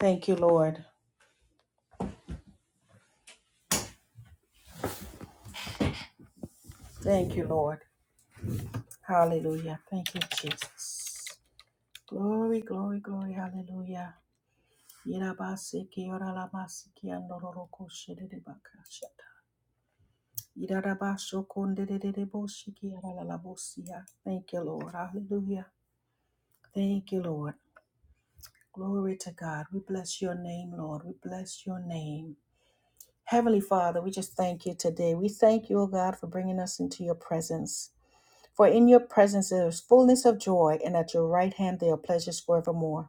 Thank you, Lord. Thank you, Lord. Hallelujah. Thank you, Jesus. Glory, glory, glory. Hallelujah. Irabaseke oralamasiki andororoko shedebakashata. Irabashokondedeboshiki oralabosia. Thank you, Lord. Hallelujah. Thank you, Lord. Glory to God. We bless your name, Lord. We bless your name. Heavenly Father, we just thank you today. We thank you, O God, for bringing us into your presence. For in your presence there is fullness of joy, and at your right hand there are pleasures forevermore.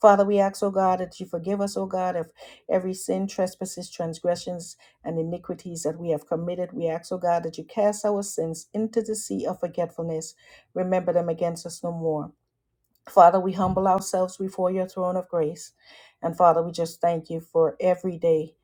Father, we ask, O God, that you forgive us, O God, of every sin, trespasses, transgressions, and iniquities that we have committed. We ask, O God, that you cast our sins into the sea of forgetfulness. Remember them against us no more. Father, we humble ourselves before your throne of grace. And Father, we just thank you for every day,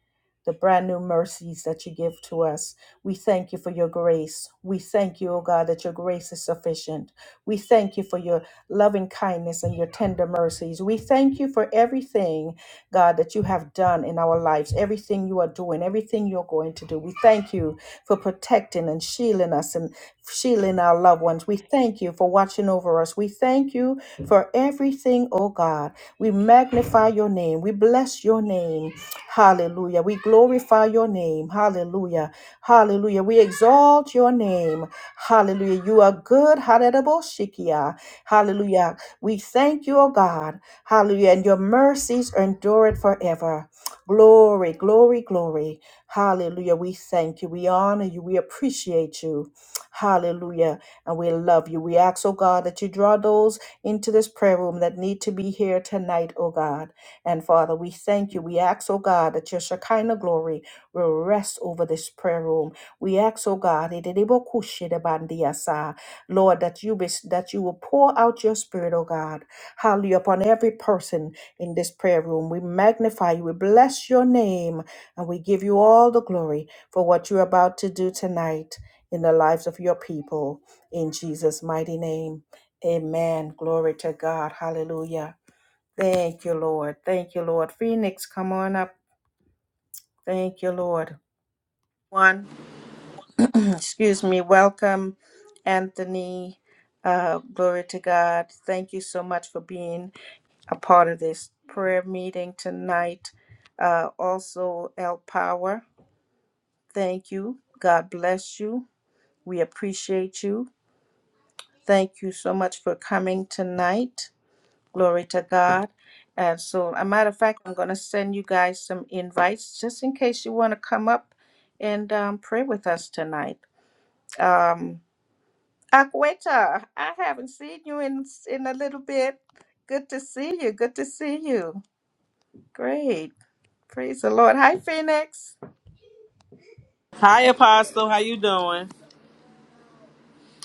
the brand new mercies that you give to us. We thank you for your grace. We thank you, O God, that your grace is sufficient. We thank you for your loving kindness and your tender mercies. We thank you for everything God, that you have done in our lives, everything you are doing, everything you're going to do. We thank you for protecting and shielding us and shielding our loved ones. We thank you for watching over us. We thank you for everything, oh God. We magnify your name. We bless your name. Hallelujah. We glorify your name. Hallelujah. Hallelujah. We exalt your name. Hallelujah. You are good. Hallelujah. Hallelujah. We thank you, O God. Hallelujah. And your mercies endure it forever. Glory, glory, glory. Hallelujah. We thank you. We honor you. We appreciate you. Hallelujah. And we love you. We ask, oh God, that you draw those into this prayer room that need to be here tonight, oh God. And Father, we thank you. We ask, oh God, that your Shekinah glory will rest over this prayer room. We ask, oh God, ididibokoshidabandiasa, Lord, that you be, that you will pour out your spirit, oh God, hallelujah, upon every person in this prayer room. We magnify you, we bless your name, and we give you all the glory for what you're about to do tonight in the lives of your people. In Jesus' mighty name. Amen. Glory to God. Hallelujah. Thank you, Lord. Thank you, Lord. Phoenix, come on up. Thank you, Lord. One, excuse me, welcome, Anthony. Uh, glory to God. Thank you so much for being a part of this prayer meeting tonight. Uh, also, El Power, thank you. God bless you. We appreciate you. Thank you so much for coming tonight. Glory to God. And so, a matter of fact, I'm going to send you guys some invites just in case you want to come up and um, pray with us tonight. Um, Akweta, I haven't seen you in in a little bit. Good to see you. Good to see you. Great. Praise the Lord. Hi, Phoenix. Hi, Apostle. How you doing?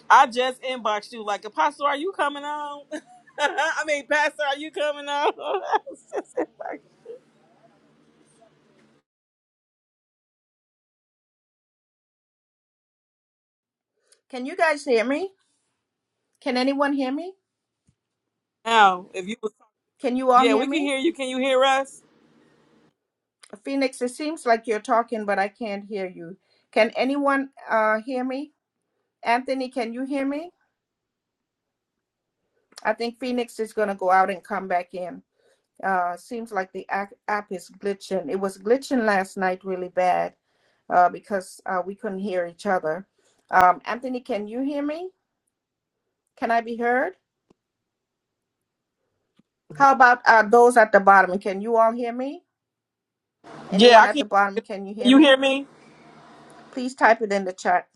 I just inboxed you like, Apostle, are you coming on? I mean, Pastor, are you coming on? I was just inboxed. Can you guys hear me? Can anyone hear me? now, if you, Can you all yeah, hear we can me? hear you. Can you hear us? Phoenix, it seems like you're talking, but I can't hear you. Can anyone uh, hear me? Anthony, can you hear me? I think Phoenix is going to go out and come back in. Uh, seems like the app, app is glitching. It was glitching last night really bad uh, because uh, we couldn't hear each other. Um, Anthony, can you hear me? Can I be heard? How about uh, those at the bottom? Can you all hear me? Yeah, Anyone I at can. the bottom, can you Can hear you me? hear me? Please type it in the chat.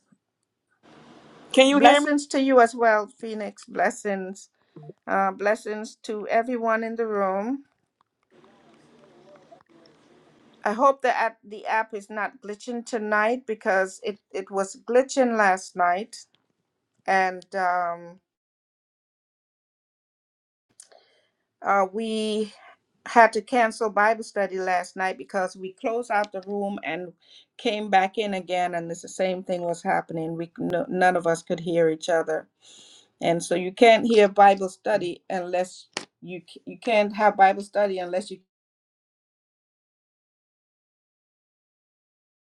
Can you hear me? Blessings to you as well, Phoenix. Blessings. Uh, blessings to everyone in the room. I hope the app the app is not glitching tonight because it it was glitching last night and um, uh, we had to cancel Bible study last night because we closed out the room and came back in again and it's the same thing was happening. We no, none of us could hear each other and so you can't hear Bible study unless you c- you can't have Bible study unless you.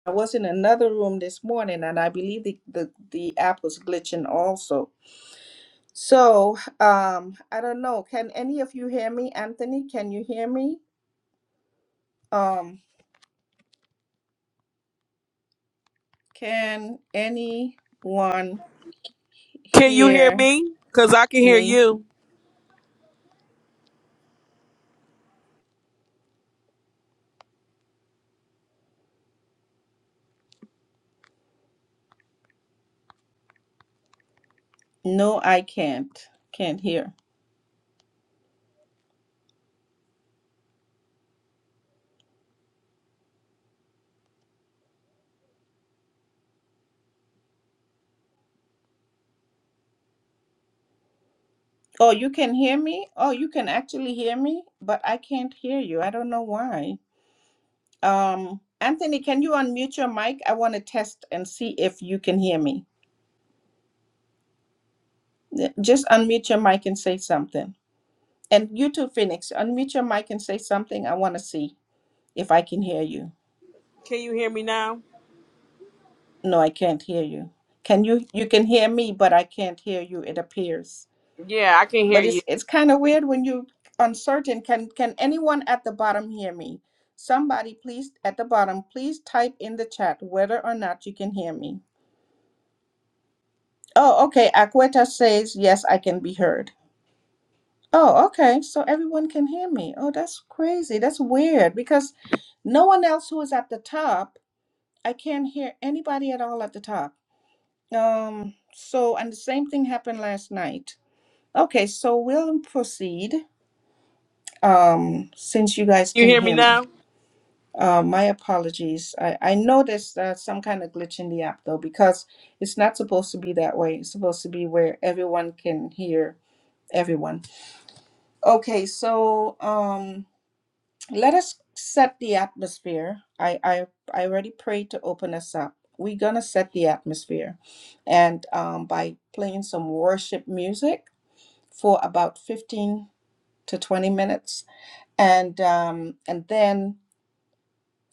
I was in another room this morning and I believe the the, the app was glitching also. So, um, I don't know. Can any of you hear me, Anthony? Can you hear me? Um, can anyone Can you hear hear me? Cause I can hear me? you. No, I can't. Can't hear. Oh, you can hear me? Oh, you can actually hear me, but I can't hear you. I don't know why. Um, Anthony, can you unmute your mic? I want to test and see if you can hear me. Yeah, Just unmute your mic and say something. And you too, Phoenix, unmute your mic and say something. I want to see. if I can hear you. Can you hear me now? No, I can't hear you. Can you you can hear me, but I can't hear you, it appears. Yeah, I can hear But you. it's it's kind of weird when you uncertain. Can can anyone at the bottom hear me? Somebody please at the bottom, please type in the chat whether or not you can hear me. Oh, okay. Aqueta says yes, I can be heard. Oh, okay. So everyone can hear me. Oh, that's crazy. That's weird because no one else who is at the top, I can't hear anybody at all at the top. Um, so, and the same thing happened last night. Okay, so we'll proceed um, since you guys Can you can hear me hear me. now? Uh, my apologies. I, I know there's uh, some kind of glitch in the app though, because it's not supposed to be that way. It's supposed to be where everyone can hear everyone. Okay, so um, let us set the atmosphere. I, I, I already prayed to open us up. We're going to set the atmosphere and um, by playing some worship music. for about 15 to 20 minutes. And, um, and then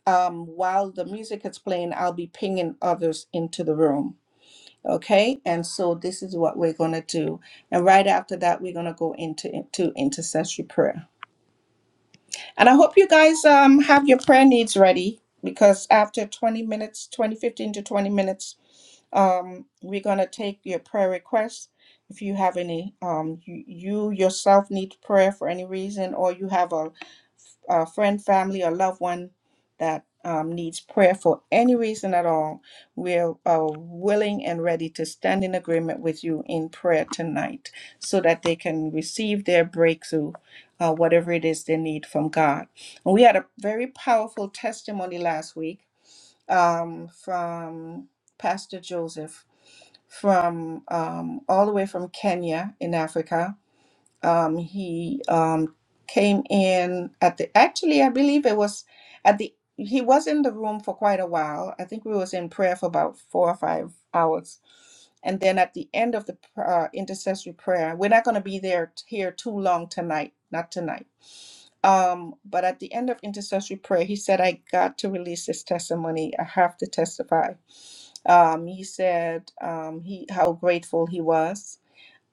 um, while the music is playing, I'll be pinging others into the room. Okay, and so this is what we're going to do. And right after that, we're going to go into, into intercessory prayer. And I hope you guys um, have your prayer needs ready because after 20 minutes, 20 15 to 20 minutes, um, we're going to take your prayer requests if you have any um you, you yourself need prayer for any reason or you have a a friend, family, or loved one that um, needs prayer for any reason at all, we're uh, willing and ready to stand in agreement with you in prayer tonight so that they can receive their breakthrough, uh, whatever it is they need from God. And we had a very powerful testimony last week um, from Pastor Joseph from um, all the way from Kenya in Africa um, he um, came in at the actually i believe it was at the he was in the room for quite a while i think we was in prayer for about four or five hours and then at the end of the pr- uh, intercessory prayer we're not going to be there here too long tonight not tonight um, but at the end of intercessory prayer, he said, I got to release this testimony. I have to testify. Um, he said um, he how grateful he was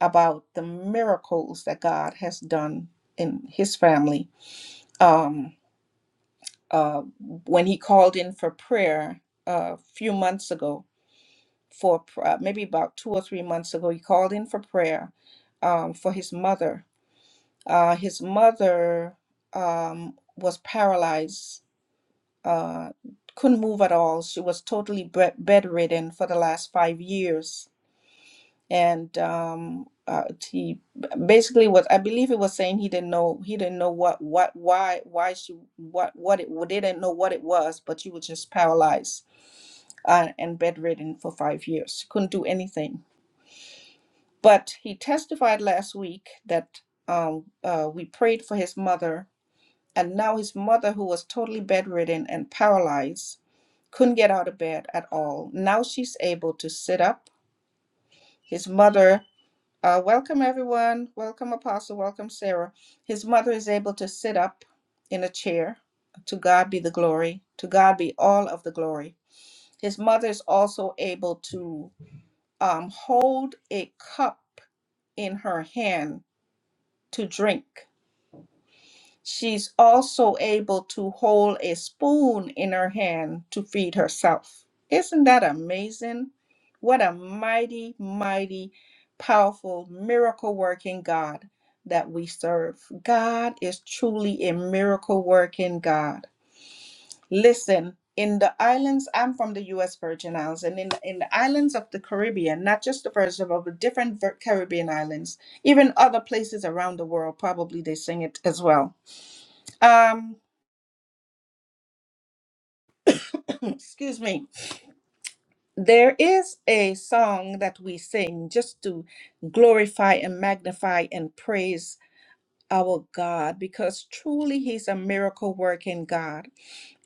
about the miracles that God has done in his family. Um, uh, when he called in for prayer a few months ago, for pr- uh, maybe about two or three months ago, he called in for prayer um, for his mother. Uh, his mother um, was paralyzed, uh, couldn't move at all. She was totally bed- bedridden for the last five years and um uh, he basically was i believe he was saying he didn't know he didn't know what what why why she what what it well, they didn't know what it was but she was just paralyzed uh, and bedridden for five years she couldn't do anything but he testified last week that um uh, we prayed for his mother and now his mother who was totally bedridden and paralyzed couldn't get out of bed at all now she's able to sit up his mother Uh, welcome, everyone. Welcome, Apostle. Welcome, Sarah. His mother is able to sit up in a chair. To God be the glory. To God be all of the glory. His mother is also able to um, hold a cup in her hand to drink. She's also able to hold a spoon in her hand to feed herself. Isn't that amazing? What a mighty, mighty, powerful, miracle working God that we serve. God is truly a miracle working God. Listen, in the islands, I'm from the U.S. Virgin Islands, and in, in the islands of the Caribbean, not just the Virgin, but the different Vir- Caribbean islands, even other places around the world, probably they sing it as well. Um, Excuse me. There is a song that we sing just to glorify and magnify and praise our God because truly He's a miracle working God.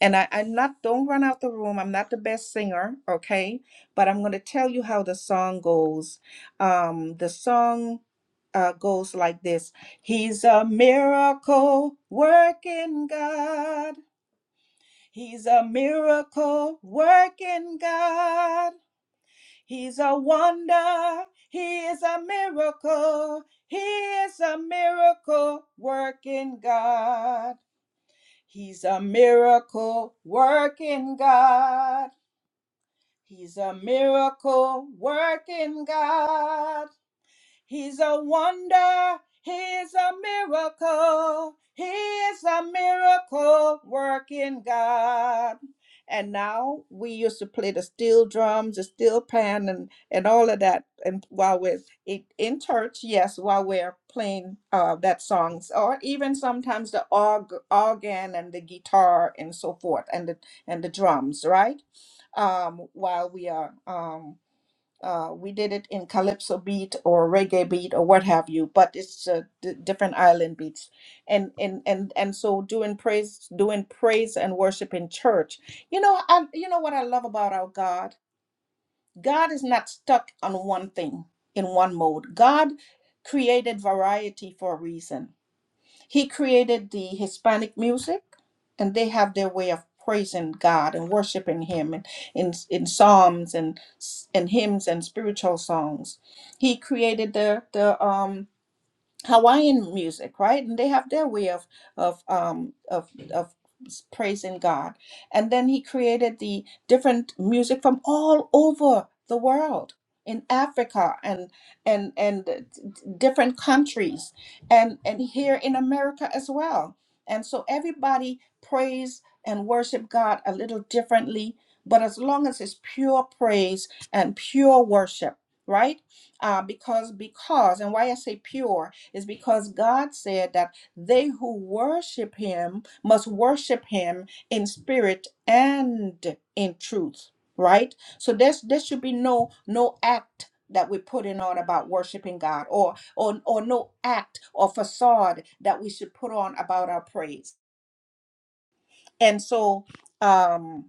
And I, I'm not, don't run out the room. I'm not the best singer, okay? But I'm going to tell you how the song goes. Um, the song uh, goes like this He's a miracle working God. He's a miracle working God. He's a wonder. He is a miracle. He is a miracle working God. He's a miracle working God. He's a miracle working God. He's a wonder. He's a miracle. He is a miracle working God. And now we used to play the steel drums, the steel pan, and, and all of that. And while we're in, in church, yes, while we're playing uh, that songs, or even sometimes the org, organ and the guitar and so forth, and the and the drums, right? Um, while we are um, uh, we did it in calypso beat or reggae beat or what have you, but it's uh, d- different island beats. And and and and so doing praise, doing praise and worship in church. You know, I you know what I love about our God. God is not stuck on one thing in one mode. God created variety for a reason he created the Hispanic music, and they have their way of praising God and worshiping Him in, in, in psalms and, and hymns and spiritual songs. He created the, the um, Hawaiian music, right? And they have their way of of um of of s- praising God. And then he created the different music from all over the world in Africa and and and d- d- different countries and and here in America as well. And so everybody praise and worship God a little differently, but as long as it's pure praise and pure worship, right? Uh, because because and why I say pure is because God said that they who worship him must worship him in spirit and in truth, right? So there's there should be no no act that we're putting on about worshiping God or or or no act or facade that we should put on about our praise. And so um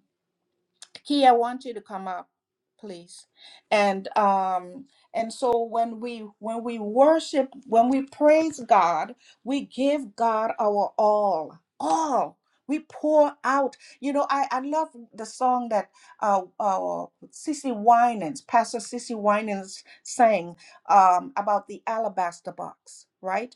Key, I want you to come up, please. And um, and so when we when we worship, when we praise God, we give God our all, all. We pour out. You know, I, I love the song that uh, uh, Sissy Winans, Pastor Sissy Winans sang um, about the alabaster box, right?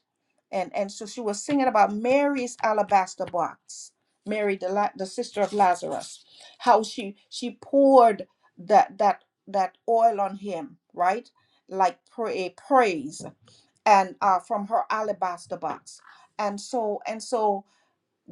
And and so she was singing about Mary's alabaster box, Mary, the, la- the sister of Lazarus how she she poured that that that oil on him right like pray praise and uh, from her alabaster box and so and so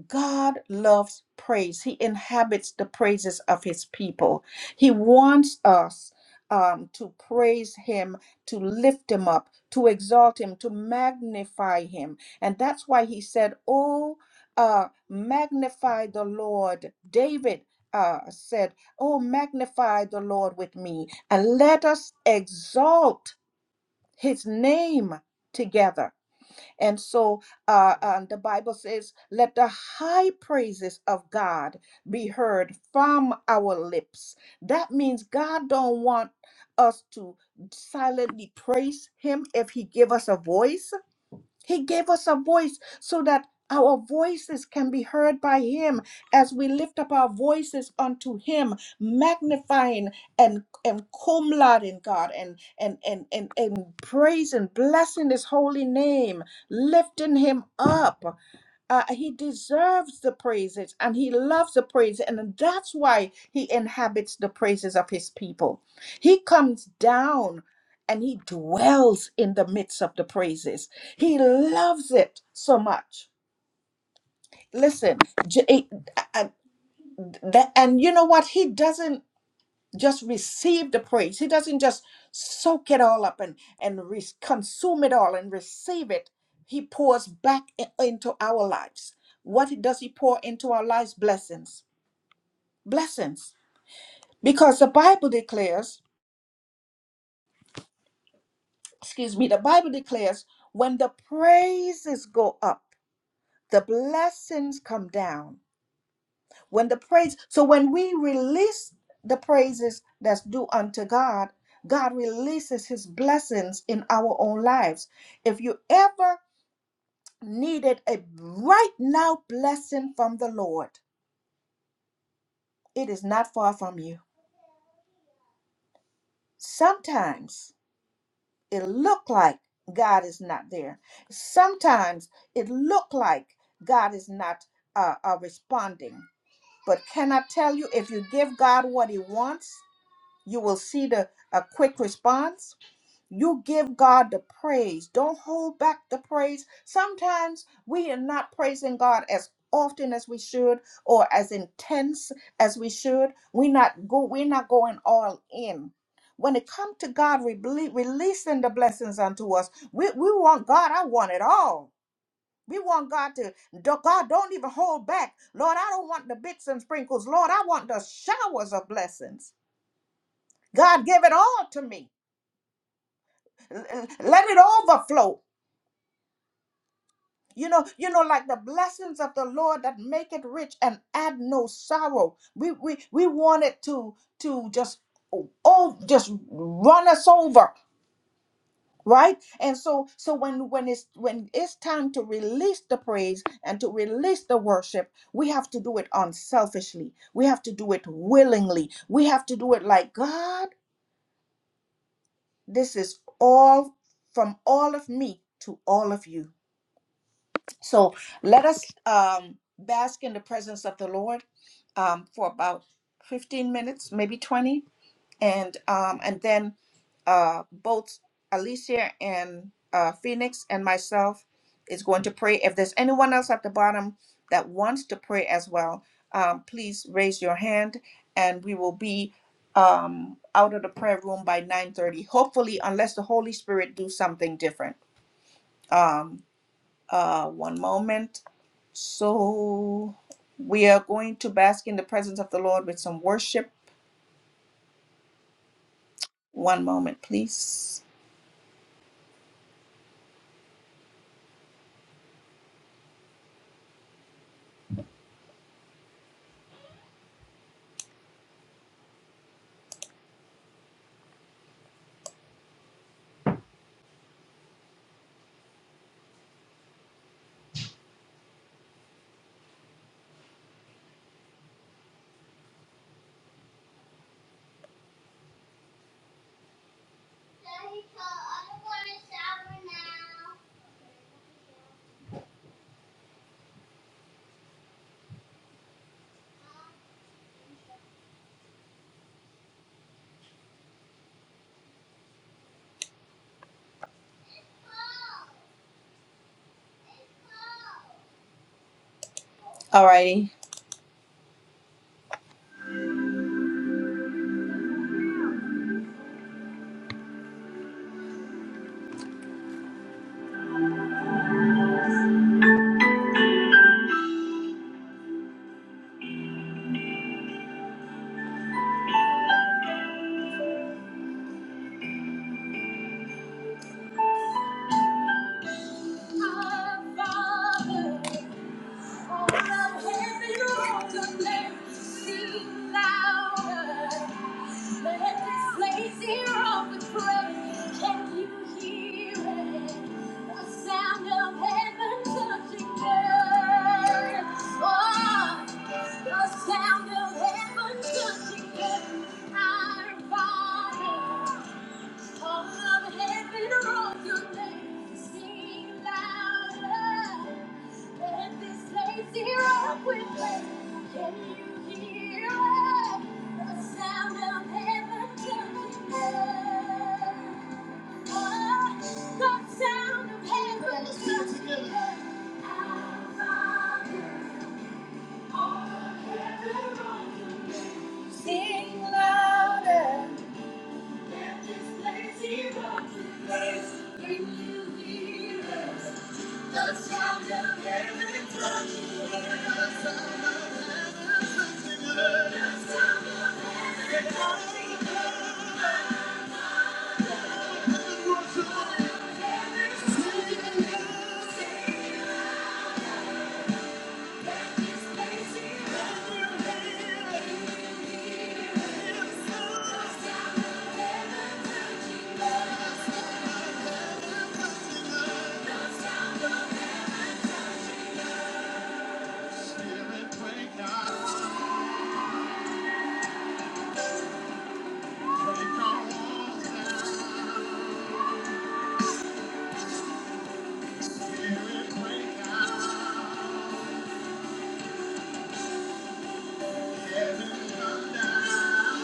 God loves praise. He inhabits the praises of his people. He wants us um, to praise him, to lift him up, to exalt him, to magnify him. And that's why he said, Oh, uh, magnify the Lord. David uh, said, Oh, magnify the Lord with me, and let us exalt his name together. And so uh, um, the Bible says, let the high praises of God be heard from our lips. That means God don't want us to silently praise him if he give us a voice he gave us a voice so that our voices can be heard by Him as we lift up our voices unto Him, magnifying and, and cum lauding God and, and, and, and, and praising, blessing His holy name, lifting Him up uh, he deserves the praises and he loves the praise and that's why he inhabits the praises of his people he comes down and he dwells in the midst of the praises. He loves it so much. Listen, J- it- and that- and you know what? He doesn't just receive the praise. He doesn't just soak it all up and and re- consume it all and receive it. He pours back i- into our lives. What does he pour into our lives? Blessings, blessings. Because the Bible declares, excuse me, the Bible declares when the praises go up. the blessings come down when the praise so when we release the praises that's due unto god god releases his blessings in our own lives if you ever needed a right now blessing from the lord it is not far from you sometimes it look like god is not there sometimes it look like god is not uh, uh, responding But can I tell you, if you give God what He wants, you will see the a quick response. You give God the praise. Don't hold back the praise. Sometimes we are not praising God as often as we should or as intense as we should. We not go. We're not going all in. When it comes to God rele- releasing the blessings unto us, we, we want God. I want it all. We want God to, do- God, don't even hold back. Lord, I don't want the bits and sprinkles. Lord, I want the showers of blessings. God, give it all to me. L- l- Let it overflow. You know, you know, like the blessings of the Lord that make it rich and add no sorrow. We we we want it to to just oh oh just run us over. right and so so when when it's when it's time to release the praise and to release the worship we have to do it unselfishly we have to do it willingly we have to do it like god this is all from all of me to all of you so let us um bask in the presence of the lord um for about 15 minutes maybe 20 and um, and then uh, both Alicia and uh, Phoenix and myself is going to pray. If there's anyone else at the bottom that wants to pray as well, um, please raise your hand, and we will be um, out of the prayer room by 9:30. Hopefully, unless the Holy Spirit do something different. Um, uh, one moment. So we are going to bask in the presence of the Lord with some worship. One moment, please. Alrighty. Father, Let this place hear all the praise. Can you hear it? The sound of heaven touching earth. Oh, the sound of heaven touching earth. Our Father. Sing louder. Break out, heaven come down.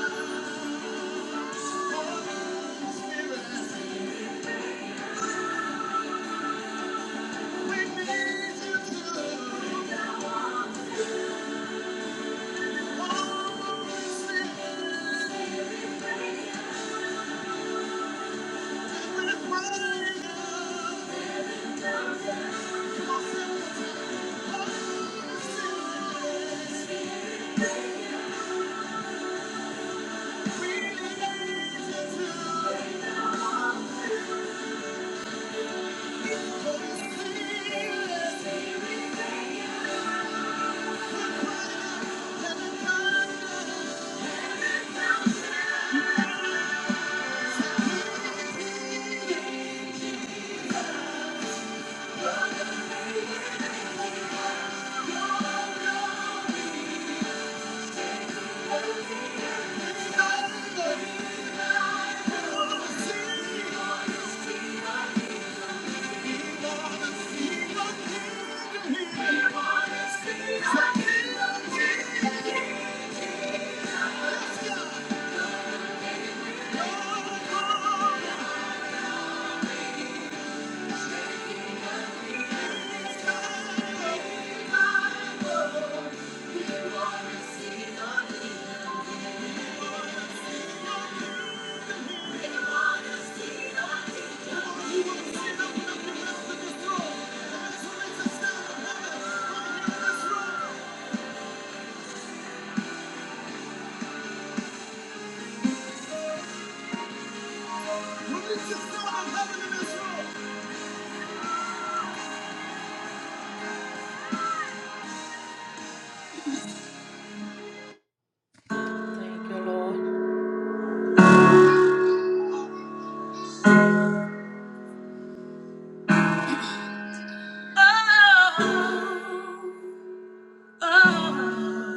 Oh, oh. oh.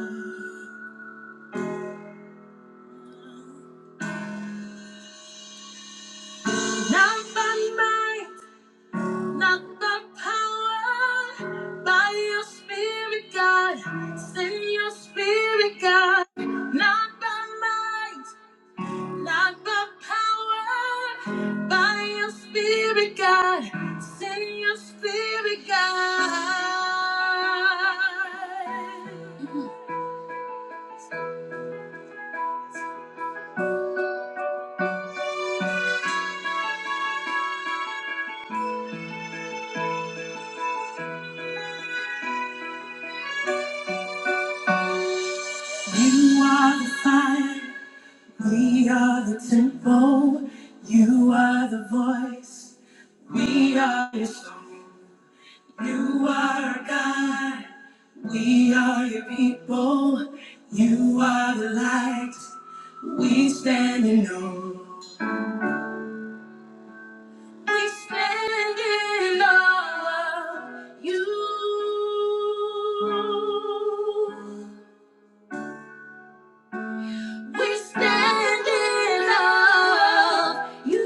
Not by might, not by power, by your spirit, God. Send your spirit, God. Not by might, not by power, by your spirit, God. Send your spirit, God. You are the fire, we are the temple. You are the voice, we are your song. You are our God, we are your people. You are the light we stand in awe. We stand in awe of you. We stand in love, you.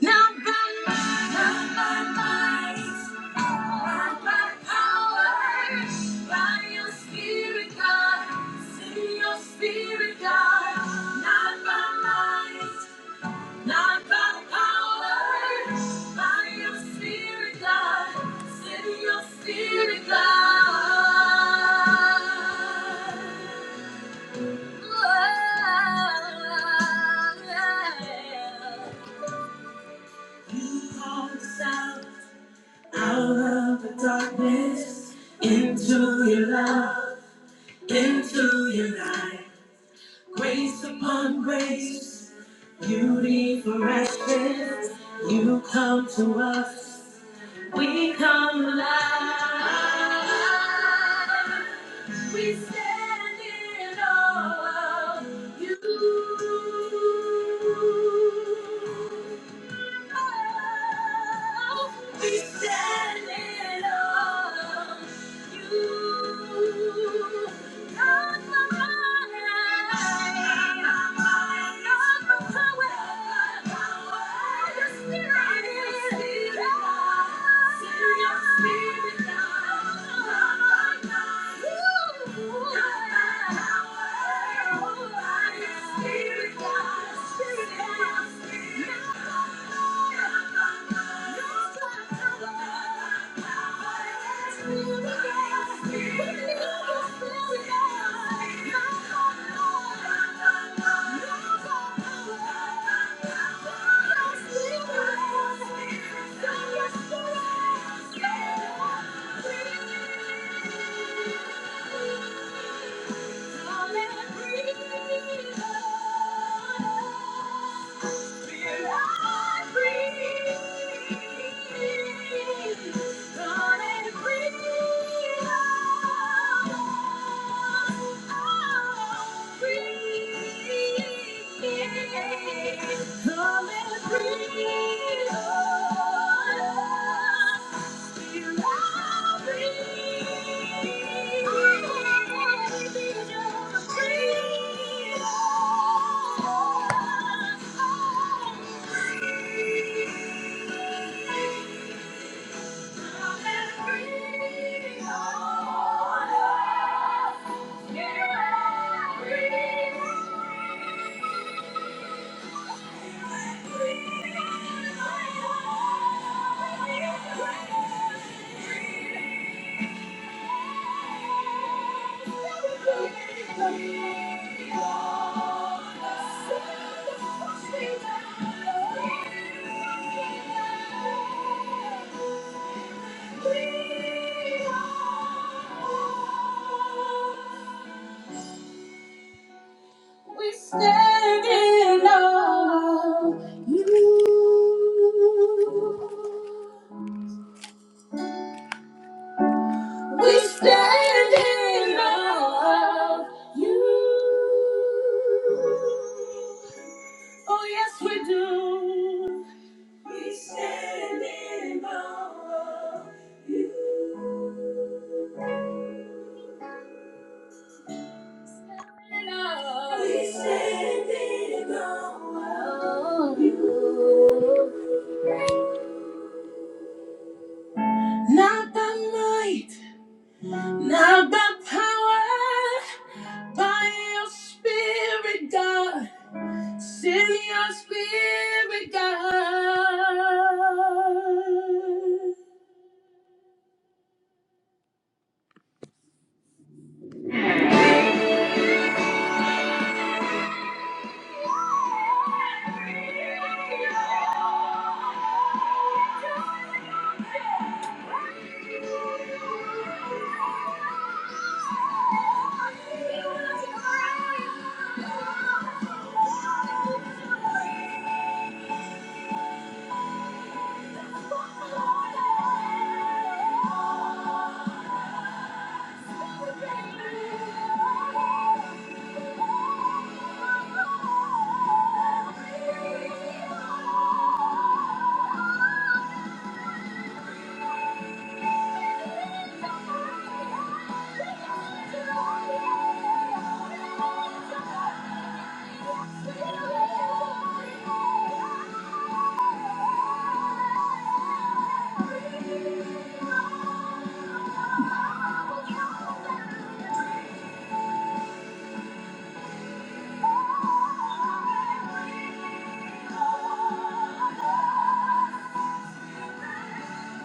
Not by might, not by power, by your spirit, God. Send your spirit, God. Not by might. Not by power, by your spirit, God. Send your spirit, God. Oh, yeah. You call us out, out of the darkness, into your love, into your light. Grace upon grace, beauty for ashes, you come to us. We come alive. We stand in awe of you. Oh, We stand in awe. of you. Spirit, God, Spirit, God. Thank you. Come and breathe on us. Thank you. We stand in awe. of You. We stand in awe. of You. Oh yes, we do. We stand in awe of you. We stand in awe of you. Not by might, not by power, by your spirit, God. Send your spirit, God. Thank you.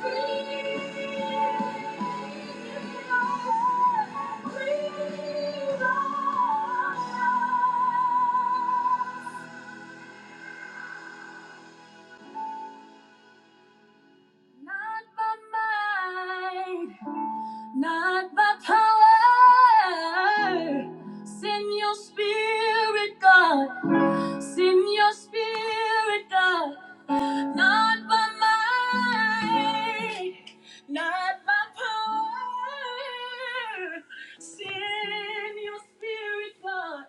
Not by might, not by power. Send your spirit, God. Send your spirit, God. Not by might, not by power. Send your spirit, God.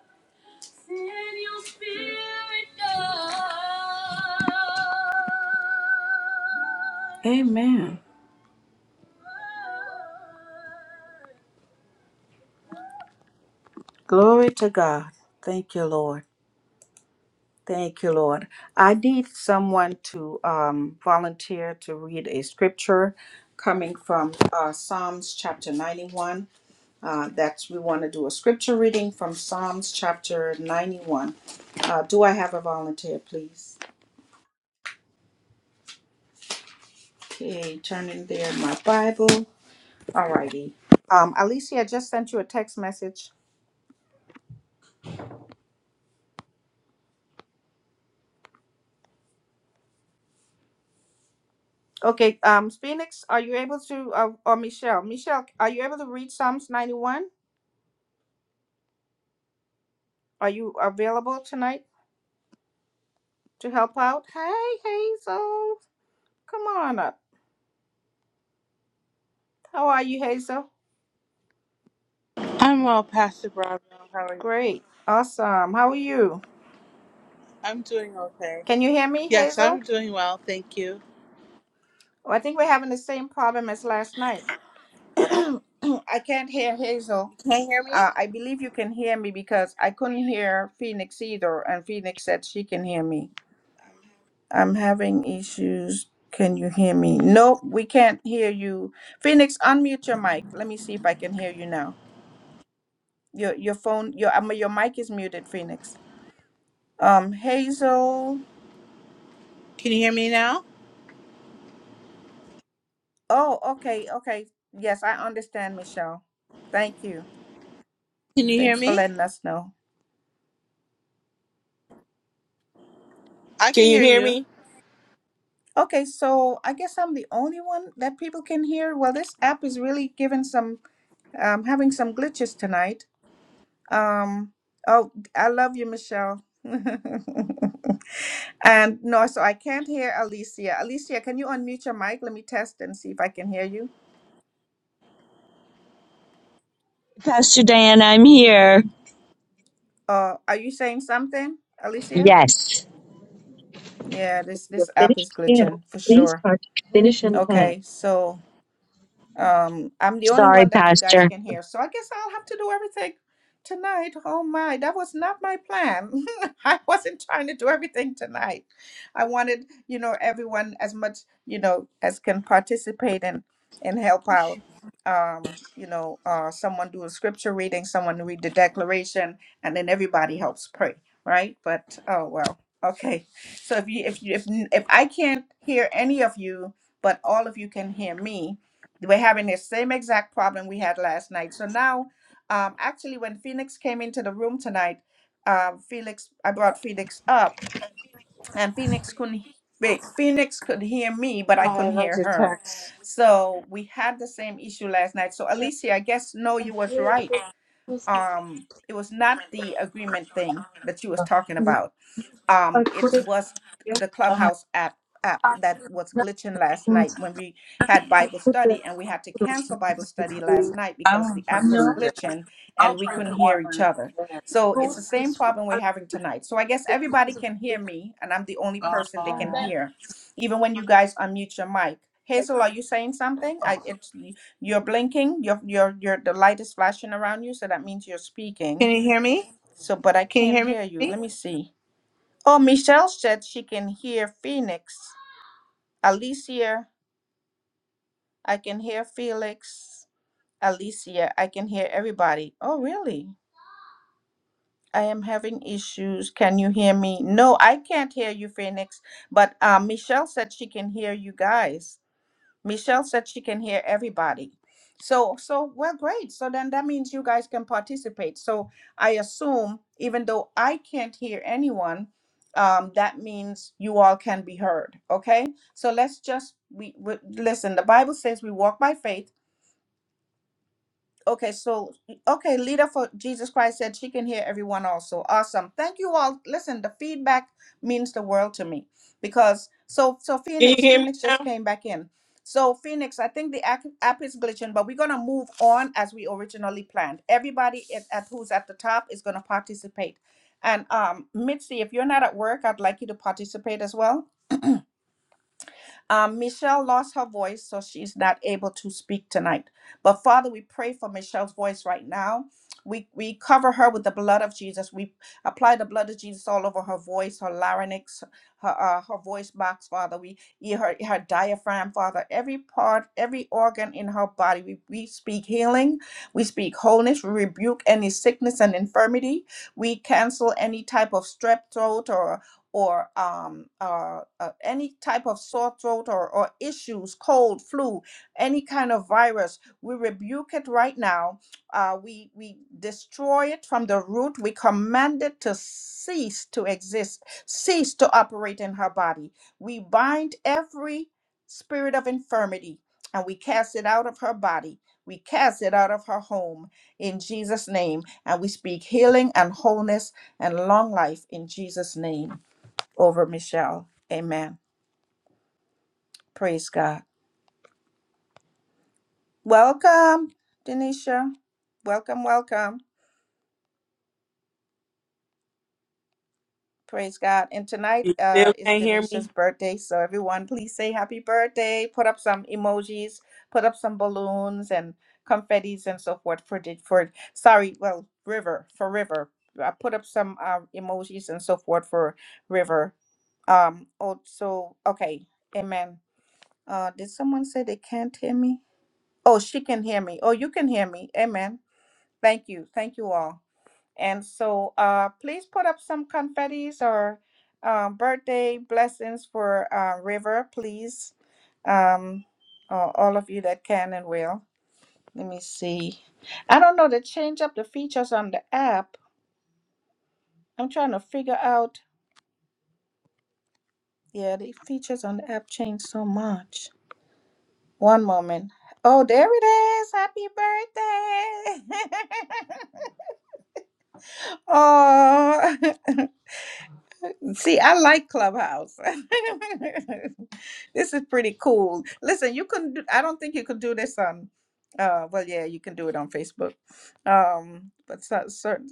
Glory to God. Thank you, Lord. Thank you, Lord. I need someone to um, volunteer to read a scripture coming from uh, Psalms chapter 91. Uh, that's we want to do a scripture reading from Psalms chapter 91. Uh, do I have a volunteer, please? Okay, turning there in my Bible. Alrighty. Um, Alicia, I just sent you a text message. Okay, um, Phoenix, are you able to, uh, or Michelle, Michelle, are you able to read Psalms 91? Are you available tonight to help out? Hey, Hazel, come on up. How are you, Hazel? I'm well, Pastor Bravo. How are you? Great, awesome. How are you? I'm doing okay. Can you hear me, Yes, I'm Hazel? doing well. Thank you. Oh, I think we're having the same problem as last night. I can't hear Hazel. You can't hear me? Uh, I believe you can hear me because I couldn't hear Phoenix either, and Phoenix said she can hear me. I'm having issues. Can you hear me? Nope, we can't hear you. Phoenix, unmute your mic. Let me see if I can hear you now. Your your phone, your um, your mic is muted, Phoenix. Um, Hazel. Can you hear me now? Oh, okay, okay. Yes, I understand, Michelle. Thank you. Can you hear Thanks for me? letting us know. I Can can you hear hear you. me? Okay, so I guess I'm the only one that people can hear. Well, this app is really giving some um having some glitches tonight. Um, oh, I love you, Michelle. and no, so I can't hear Alicia. Alicia, can you unmute your mic? Let me test and see if I can hear you. Pastor Diane, I'm here. Uh, are you saying something, Alicia? Yes. Yeah, this We're this app finished is scanning. glitching for Please sure. start to finish and pay. Okay, so Um, I'm the only Sorry, one that you guys Pastor. can hear, so I guess I'll have to do everything tonight. Oh my, that was not my plan. I wasn't trying to do everything tonight. I wanted, you know, everyone as much, you know, as can participate and and help out. Um, you know, uh, someone do a scripture reading, someone read the declaration, and then everybody helps pray, right? But oh well, okay. So if you if you if if I can't hear any of you, but all of you can hear me we're having the same exact problem we had last night. So now, um, actually, when Phoenix came into the room tonight, um, Felix, I brought Phoenix up, and Phoenix couldn't. he- Wait, Phoenix could hear me, but I couldn't hear her. Attack. So we had the same issue last night. So Alicia, I guess no, you was right. I Um, it was not the agreement thing that you was talking about um it couldn't was get the clubhouse app app I am that was not glitching last going night to when we had bible put the study and we had to cancel bible study last night I because the won't no. put app was no, it. there. glitching and I'll we couldn't hear each other so it's the post same this week. problem we're having tonight so i guess everybody can hear me and i'm the only person they Oh. can hear even when you guys unmute your mic hazel are you saying something i it's you're blinking your your your the light is flashing around you so that means you're Can speaking you hear me? so but i Can you can't hear hear you let me? me see Oh, Michelle said she can hear Phoenix. Alicia, I can hear Felix. Alicia, I can hear everybody. Oh, really? I am having issues. Can you hear me? No, I can't hear you, Phoenix. But uh, Michelle said she can hear you guys. Michelle said she can hear everybody. So, so well, great. So then that means you guys can participate. So I assume, even though I can't hear anyone, um, that means you all can be heard. Okay. So let's just we, we listen. The Bible says we walk by faith Okay, so okay, leader for Jesus Christ said she can hear everyone also. Awesome. Thank you all. Listen, the feedback means the world to me because so so Can you Phoenix, hear me Phoenix just now? came back in. So Phoenix, I think the ac- app is glitching, but we're gonna move on as we originally planned. Everybody at, at who's at the top is gonna participate, and um, Mitzi, if you're not at work, I'd like you to participate as well. Um, Michelle lost her voice, so she's not able to speak tonight. But Father, we pray for Michelle's voice right now. We, we cover her with the blood of Jesus. We apply the blood of Jesus all over her voice, her larynx, her uh, her voice box, Father. We yeah, her her diaphragm, Father. Every part, every organ in her body. We we speak healing. We speak wholeness. We rebuke any sickness and infirmity. We cancel any type of strep throat or or um, uh, uh, any type of sore throat or, or issues, cold, flu, any kind of virus, we rebuke it right now. Uh, we, we destroy it from the root. We command it to cease to exist, cease to operate in her body. We bind every spirit of infirmity and we cast it out of her body. We cast it out of her home in Jesus' name. And we speak healing and wholeness and long life in Jesus' name over Michelle. Amen. Praise God. Welcome, Denisha. Welcome, welcome. Praise God. And tonight You uh, still is can't hear me? Denisha's birthday. So, everyone, please say happy birthday. Put up some emojis, put up some balloons and confettis and so forth for, De- for sorry, well, River, for River. I put up some uh, emojis and so forth for River. Um, also, okay. Amen. Uh, did someone say they can't hear me? Oh, she can hear me. Oh, you can hear me. Amen. Thank you. Thank you all. And so uh, please put up some confettis or um, birthday blessings for uh, River, please. Um, uh, all of you that can and will. Let me see. I don't know. They change up the features on the app. I'm trying to figure out. Yeah, the features on the app change so much. One moment. Oh, there it is. Happy birthday. oh. See, I like Clubhouse. this is pretty cool. Listen, you can do, I don't think you could do this on uh well yeah, you can do it on Facebook. Um but so, certain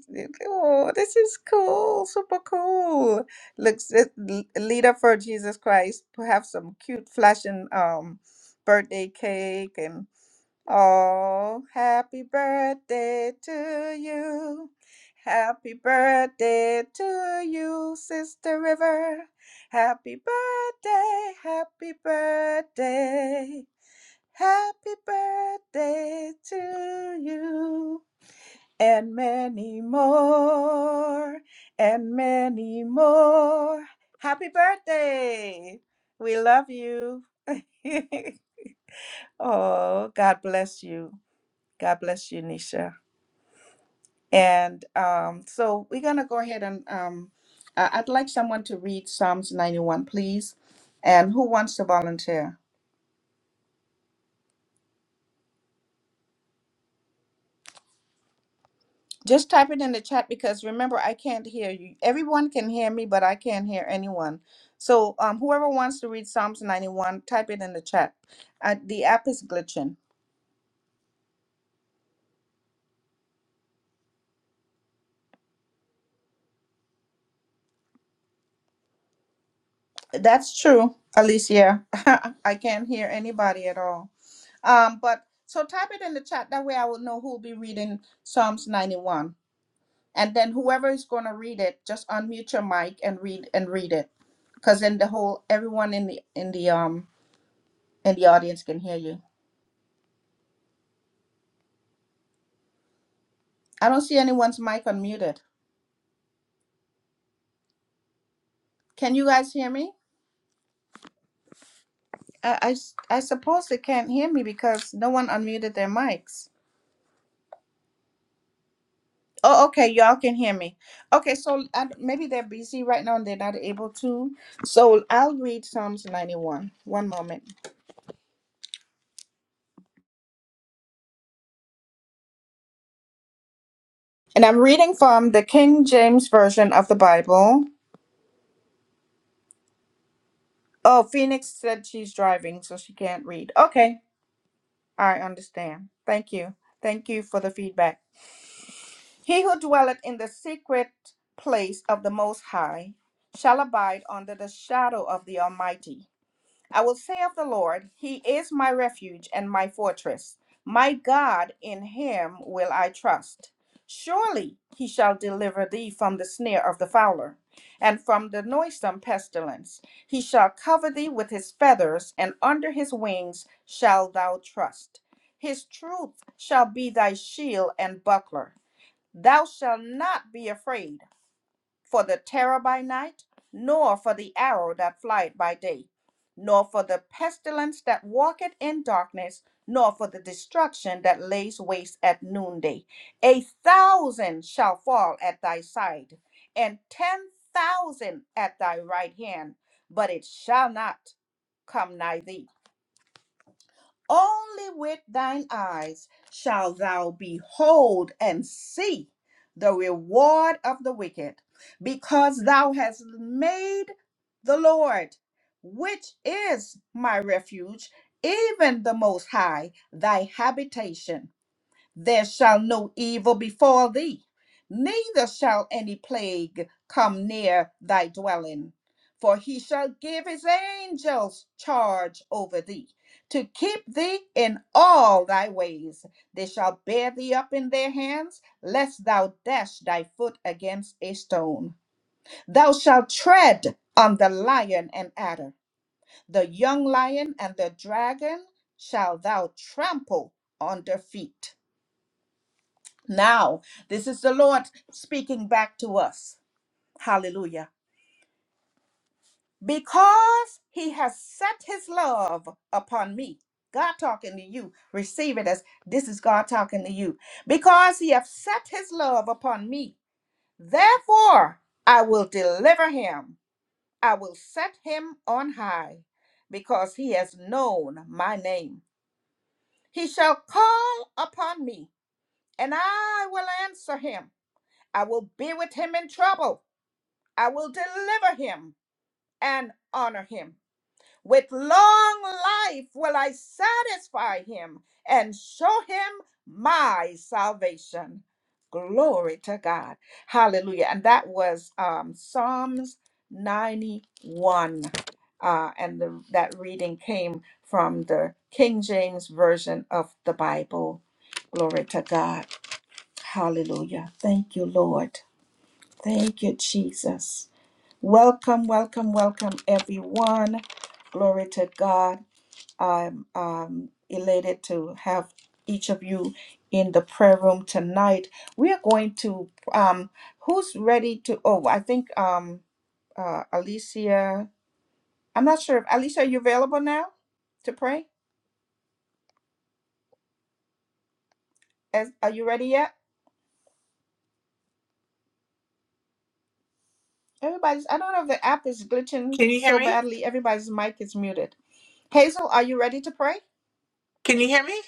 oh, this is cool, super cool. Looks it, l- leader for Jesus Christ, perhaps some cute flashing um birthday cake and oh, happy birthday to you. Happy birthday to you, Sister River. Happy birthday, happy birthday. Happy birthday to you. And many more, and many more. Happy birthday. We love you. oh, God bless you. God bless you, Nisha. And um, so we're going to go ahead and um, I- I'd like someone to read Psalms 91, please. And who wants to volunteer? Just type it in the chat because remember, I can't hear you. Everyone can hear me, but I can't hear anyone. So um, whoever wants to read Psalms 91, type it in the chat. Uh, the app is glitching. That's true, Alicia. I can't hear anybody at all. Um, but so type it in the chat. That way I will know who will be reading Psalms 91. and then whoever is going to read it just unmute your mic and read and read it because then the whole everyone in the in the um in the audience can hear you i don't see anyone's mic unmuted can you guys hear me i i, s- I suppose they can't hear me because no one unmuted their mics oh okay y'all can hear me okay so I, maybe they're busy right now and they're not able to so i'll read psalms 91 one moment and i'm reading from the king james version of the bible Oh, Phoenix said she's driving, so she can't read. Okay, I understand. Thank you. Thank you for the feedback. He who dwelleth in the secret place of the Most High shall abide under the shadow of the Almighty. I will say of the Lord, He is my refuge and my fortress. My God, in Him will I trust. Surely He shall deliver thee from the snare of the fowler and from the noisome pestilence. He shall cover thee with His feathers, and under His wings shalt thou trust. His truth shall be thy shield and buckler. Thou shalt not be afraid for the terror by night, nor for the arrow that flieth by day, nor for the pestilence that walketh in darkness, nor for the destruction that lays waste at noonday. A thousand shall fall at thy side, and ten thousand at thy right hand, but it shall not come nigh thee. Only with thine eyes shalt thou behold and see the reward of the wicked, because thou hast made the Lord, which is my refuge, even the Most High, thy habitation there shall no evil befall thee, neither shall any plague come near thy dwelling. For he shall give his angels charge over thee, to keep thee in all thy ways. They shall bear thee up in their hands, lest thou dash thy foot against a stone. Thou shalt tread on the lion and adder, the young lion and the dragon shall thou trample under feet now, this is the Lord speaking back to us. Hallelujah. Because he has set his love upon me. God talking to you. Receive it as this is God talking to you. Because he has set his love upon me. Therefore, I will deliver him. I will set him on high because he has known my name. He shall call upon me and I will answer him. I will be with him in trouble. I will deliver him and honor him. With long life will I satisfy him and show him my salvation. Glory to God. Hallelujah. And that was um, Psalms 91. Uh, and the, that reading came from the King James Version of the Bible. Glory to God. Hallelujah. Thank you, Lord. Thank you, Jesus. Welcome, welcome, welcome, everyone. Glory to God. I'm um, elated to have each of you in the prayer room tonight. We are going to, um, who's ready to? Oh, I think um, uh, Alicia, I'm not sure if Alicia, are you available now to pray? As, are you ready yet? Everybody's, I don't know if the app is glitching Can you hear so me? badly. Everybody's mic is muted. Hazel, are you ready to pray? Can you hear me?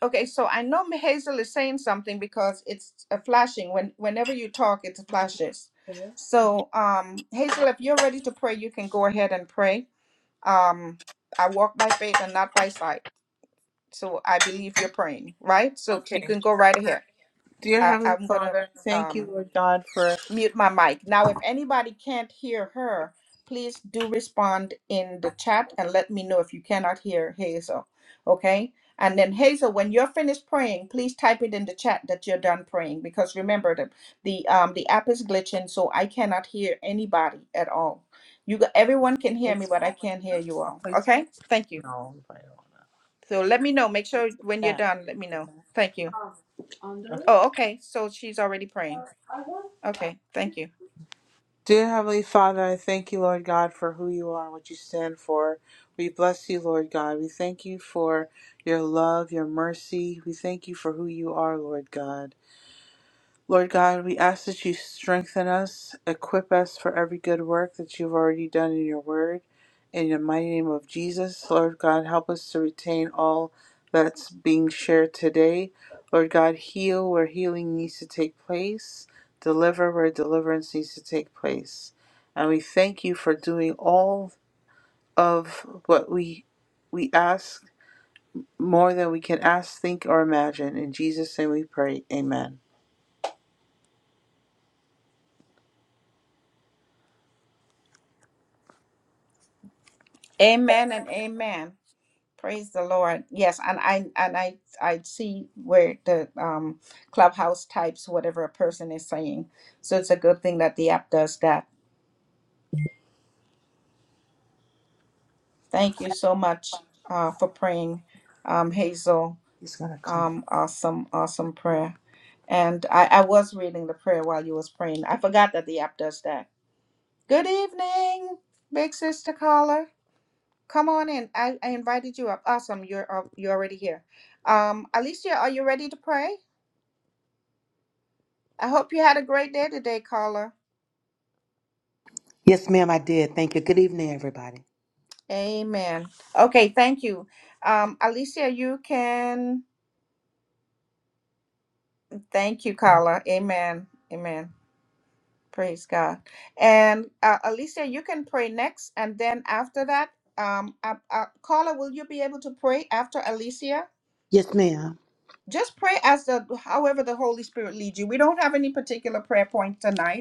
Okay, so I know M- Hazel is saying something because it's a flashing. When whenever you talk, it flashes. So, um, Hazel, if you're ready to pray, you can go ahead and pray. Um, I walk by faith and not by sight. So I believe you're praying, right? So you Okay. can go right ahead. Dear I, Heavenly I'm gonna Father, thank you, um Lord God, for mute my mic. Now, if anybody can't hear her, please do respond in the chat and let me know if you cannot hear Hazel. Okay? And then Hazel, when you're finished praying, please type it in the chat that you're done praying because remember the the um the app is glitching, so I cannot hear anybody at all. You got, everyone can hear me, but I can't hear you all. Okay? Thank you. So let me know. Make sure when you're done, let me know. Thank you. that. Oh, okay. So she's already praying. Okay. Thank you. Dear Heavenly Father, I thank you, Lord God, for who you are and what you stand for. We bless you, Lord God. We thank you for your love, your mercy. We thank you for who you are, Lord God. Lord God, we ask that you strengthen us, equip us for every good work that you've already done in your word. In the mighty name of Jesus, Lord God, help us to retain all that's being shared today. Lord God, heal where healing needs to take place, deliver where deliverance needs to take place. And we thank you for doing all of what we we ask more than we can ask, think, or imagine. In Jesus' name we pray. Amen. Amen and amen. Praise the Lord. Yes, and I and I I see where the um clubhouse types whatever a person is saying. So it's a good thing that the app does that. Thank you so much uh for praying, um Hazel. He's gonna come. Um awesome, awesome prayer. And I, I was reading the prayer while you was praying. I forgot that the app does that. Good evening, big sister caller. Come on in. I, I invited you up. Awesome. You're up. You're already here. Um, Alicia, are you ready to pray? I hope you had a great day today, caller. Yes, ma'am, I did. Thank you. Good evening, everybody. Amen. Okay, thank you. Um, Alicia, you can. Thank you, caller. Amen. Amen. Praise God. And uh, Alicia, you can pray next, and then after that, um, uh, uh, caller, will you be able to pray after Alicia? Yes, ma'am. Just pray as the however the Holy Spirit leads you. We don't have any particular prayer point tonight.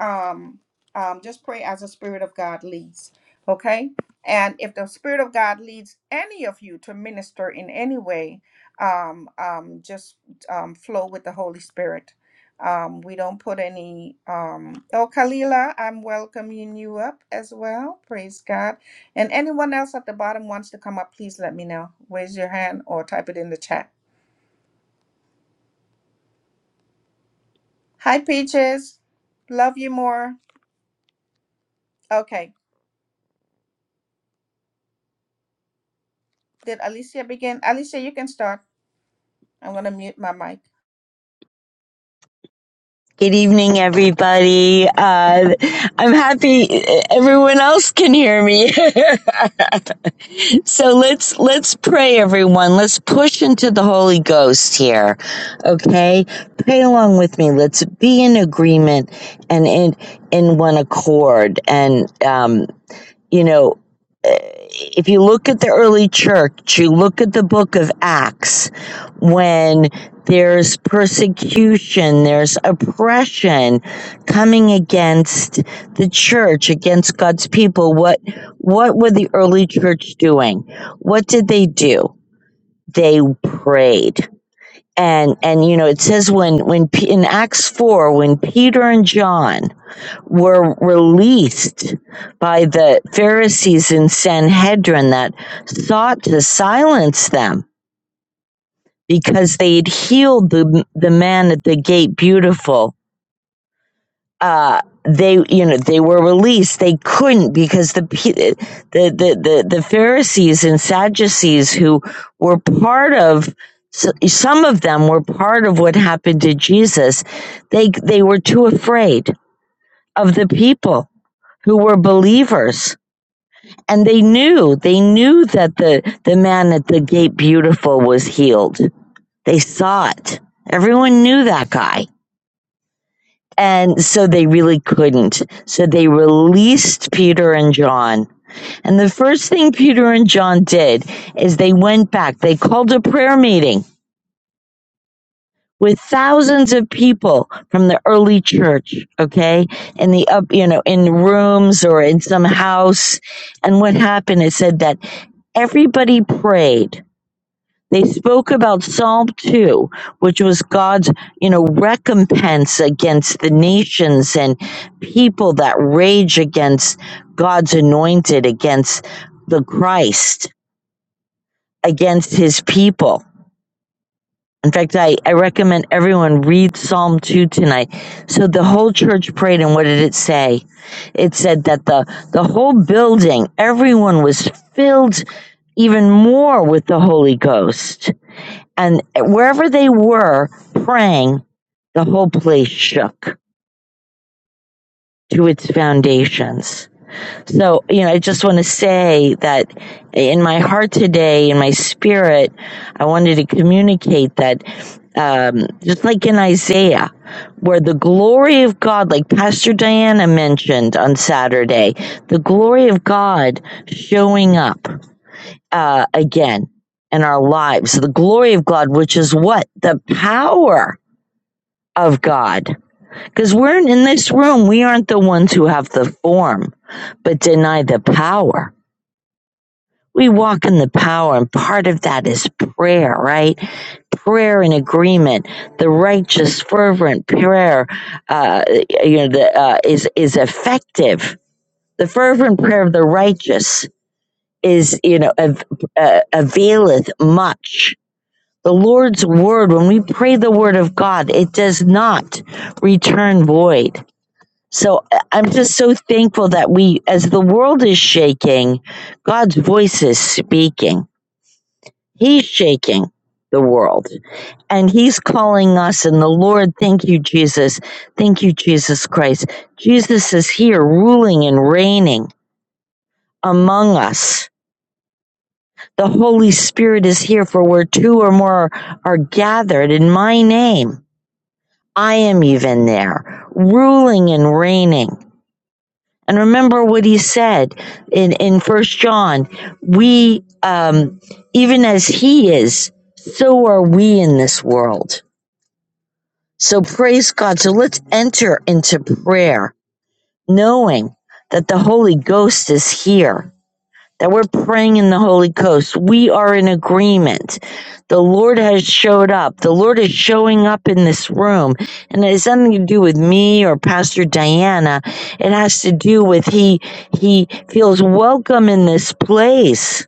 um, um, just pray as the Spirit of God leads. Okay? And if the Spirit of God leads any of you to minister in any way, um, um, just um, flow with the Holy Spirit. Um, we don't put any. Um, oh, Kalila, I'm welcoming you up as well. Praise God. And anyone else at the bottom wants to come up, please let me know. Raise your hand or type it in the chat. Hi, Peaches. Love you more. Okay. Did Alicia begin? Alicia, you can start. I'm going to mute my mic. Good evening, everybody. Uh, I'm happy everyone else can hear me. so let's let's pray, everyone. Let's push into the Holy Ghost here. Okay, pray along with me. Let's be in agreement and in in one accord. And um, you know, eh, if you look at the early church, you look at the book of Acts, when there's persecution, there's oppression coming against the church, against God's people, what what were the early church doing? What did they do? They prayed. And and you know, it says when when P- in Acts 4 when Peter and John were released by the Pharisees and Sanhedrin that sought to silence them because they had healed the the man at the gate beautiful uh they you know they were released they couldn't because the the the the, Pharisees and Sadducees who were part of some of them were part of what happened to Jesus they they were too afraid of the people who were believers and they knew they knew that the the man at the gate beautiful was healed they saw it everyone knew that guy and so they really couldn't so they released peter and john and the first thing peter and john did is they went back they called a prayer meeting with thousands of people from the early church okay in the up you know in rooms or in some house and what happened it said that everybody prayed They spoke about Psalm 2, which was God's, you know, recompense against the nations and people that rage against God's anointed, against the Christ, against his people. In fact, I, I recommend everyone read Psalm 2 tonight. So the whole church prayed, and what did it say? It said that the, the whole building, everyone was filled even more with the Holy Ghost and wherever they were praying, the whole place shook to its foundations. So, you know, I just want to say that in my heart today, in my spirit, I wanted to communicate that um, just like in Isaiah, where the glory of God, like Pastor Diana mentioned on Saturday, the glory of God showing up uh, again in our lives. The glory of God, which is what? The power. of God. Because we're in this room, we aren't the ones who have the form, but deny the power. We walk in the power, and part of that is prayer, right? Prayer and agreement, the righteous, fervent prayer, uh, you know, the, uh, is is effective. The fervent prayer of the righteous is, you know, av- uh, availeth much. The Lord's word, when we pray the word of God, it does not return void So I- I'm just so thankful that we, as the world is shaking, God's voice is speaking. He's shaking the world and he's calling us. And the Lord, thank you, Jesus. Thank you, Jesus Christ. Jesus is here ruling and reigning among us. The Holy Spirit is here for where two or more are gathered in my name. I am even there, ruling and reigning. And remember what he said in, in first John, we, um, even as he is, so are we in this world. So praise God. So let's enter into prayer knowing that the Holy Ghost is here that we're praying in the Holy Ghost. We are in agreement. The Lord has showed up. The Lord is showing up in this room. And it has nothing to do with me or Pastor Diana. It has to do with he he feels welcome in this place.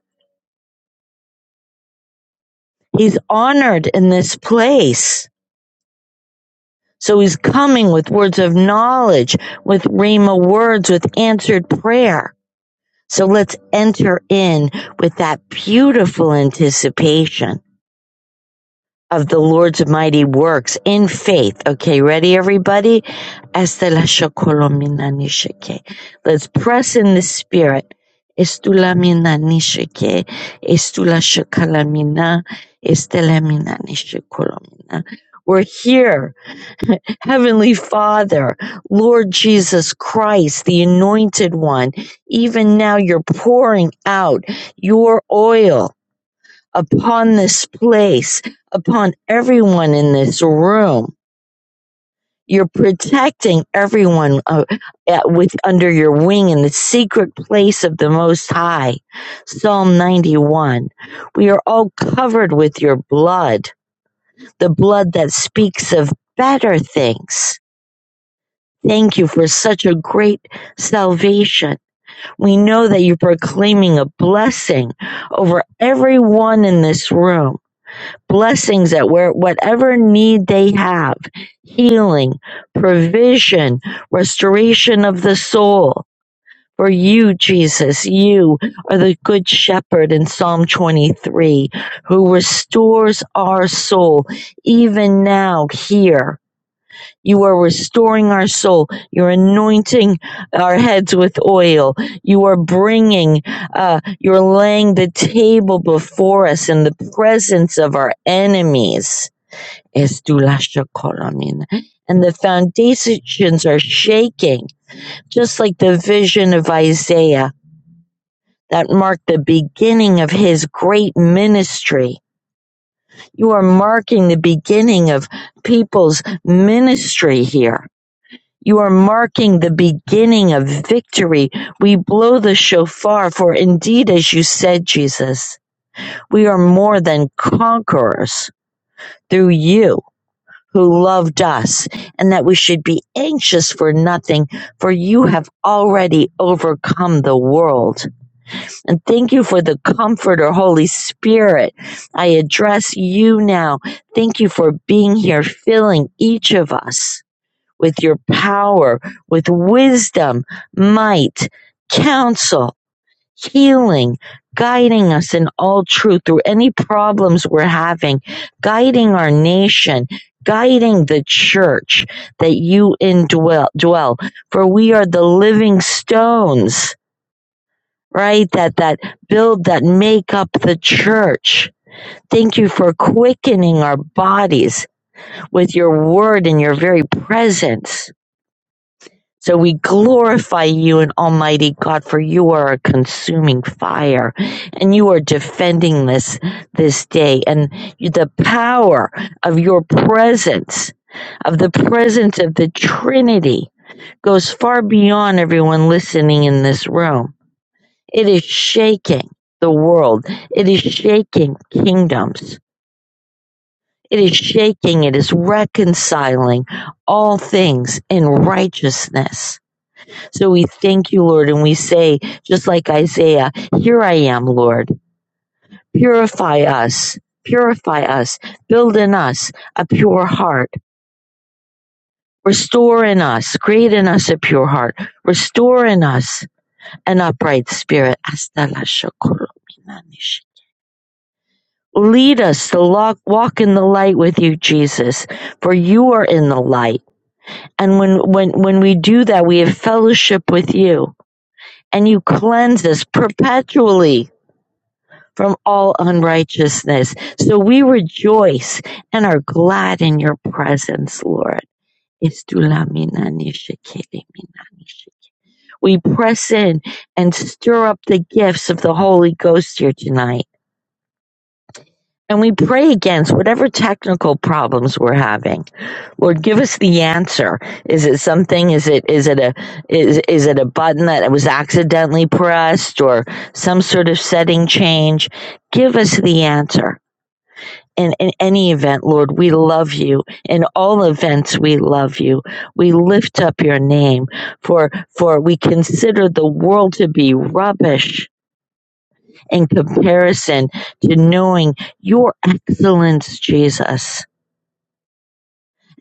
He's honored in this place. So he's coming with words of knowledge, with Rhema words, with answered prayer. So let's enter in with that beautiful anticipation. of the Lord's mighty works in faith. Okay, ready everybody? Let's press in the spirit. We're here, Heavenly Father, Lord Jesus Christ, the Anointed One. Even now, you're pouring out your oil upon this place, upon everyone in this room. You're protecting everyone uh, at, with under your wing in the secret place of the Most High. Psalm 91. We are all covered with your blood, the blood that speaks of better things. Thank you for such a great salvation. We know that you're proclaiming a blessing over everyone in this room blessings at where whatever need they have healing provision restoration of the soul for you jesus you are the good shepherd in psalm 23 who restores our soul even now here you are restoring our soul. You're anointing our heads with oil. You are bringing, uh, you're laying the table before us in the presence of our enemies. And the foundations are shaking, just like the vision of Isaiah that marked the beginning of his great ministry. You are marking the beginning of people's ministry here You are marking the beginning of victory. We blow the shofar, for indeed, as you said, Jesus, we are more than conquerors through you who loved us, and that we should be anxious for nothing, for you have already overcome the world. And thank you for the Comforter, Holy Spirit. I address you now. Thank you for being here, filling each of us with your power, with wisdom, might, counsel, healing, guiding us in all truth through any problems we're having, guiding our nation, guiding the church that you indwell, dwell. For we are the living stones, right? That, that build, that make up the church. Thank you for quickening our bodies with your word and your very presence So we glorify you and Almighty God, for you are a consuming fire and you are defending this, this day and the power of your presence, of the presence of the Trinity goes far beyond everyone listening in this room. It is shaking the world. It is shaking kingdoms. It is shaking. It is reconciling all things in righteousness so we thank you, Lord, and we say, just like Isaiah, here I am, Lord. Purify us, purify us, build in us a pure heart, restore in us, create in us a pure heart, restore in us an upright spirit. Lead us to walk in the light with you, Jesus, for you are in the light. And when, when, when we do that, we have fellowship with you and you cleanse us perpetually from all unrighteousness. So we rejoice and are glad in your presence, Lord. We press in and stir up the gifts of the Holy Ghost here tonight. And we pray against whatever technical problems we're having. Lord, give us the answer. Is it something? Is it is it a is is it a button that was accidentally pressed or some sort of setting change? Give us the answer And in any event, Lord, we love you. In all events, we love you. We lift up your name for, for we consider the world to be rubbish in comparison to knowing your excellence, Jesus.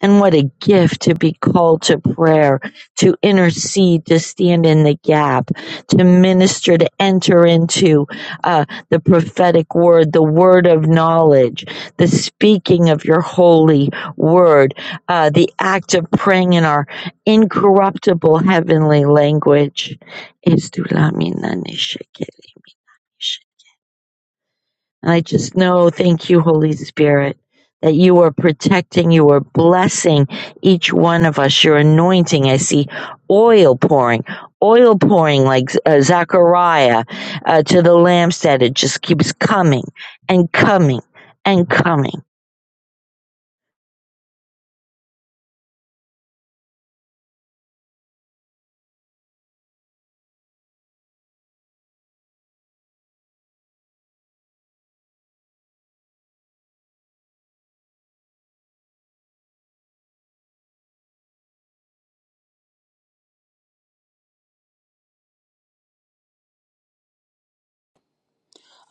And what a gift to be called to prayer, to intercede, to stand in the gap, to minister, to enter into uh, the prophetic word, the word of knowledge, the speaking of your holy word, uh, the act of praying in our incorruptible heavenly language. Es tu lámina, I just know, thank you, Holy Spirit, that you are protecting, you are blessing each one of us. You're anointing. I see oil pouring, oil pouring like uh, Zechariah uh, to the lampstand. It just keeps coming and coming and coming.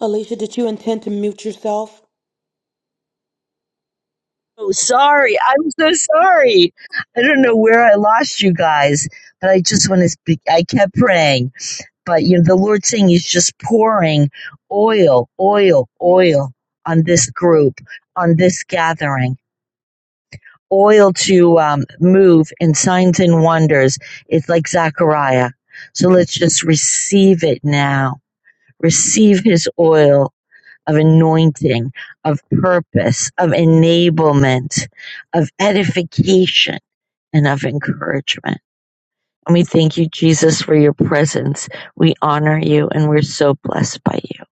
Alicia, did you intend to mute yourself? Oh, sorry. I'm so sorry. I don't know where I lost you guys, but I just want to speak. I kept praying. But you know, the Lord's saying He's just pouring oil, oil, oil on this group, on this gathering, oil to um, move in signs and wonders. It's like Zechariah. So let's just receive it now. Receive His oil of anointing, of purpose, of enablement, of edification, and of encouragement. And we thank you, Jesus, for your presence. We honor you and we're so blessed by you.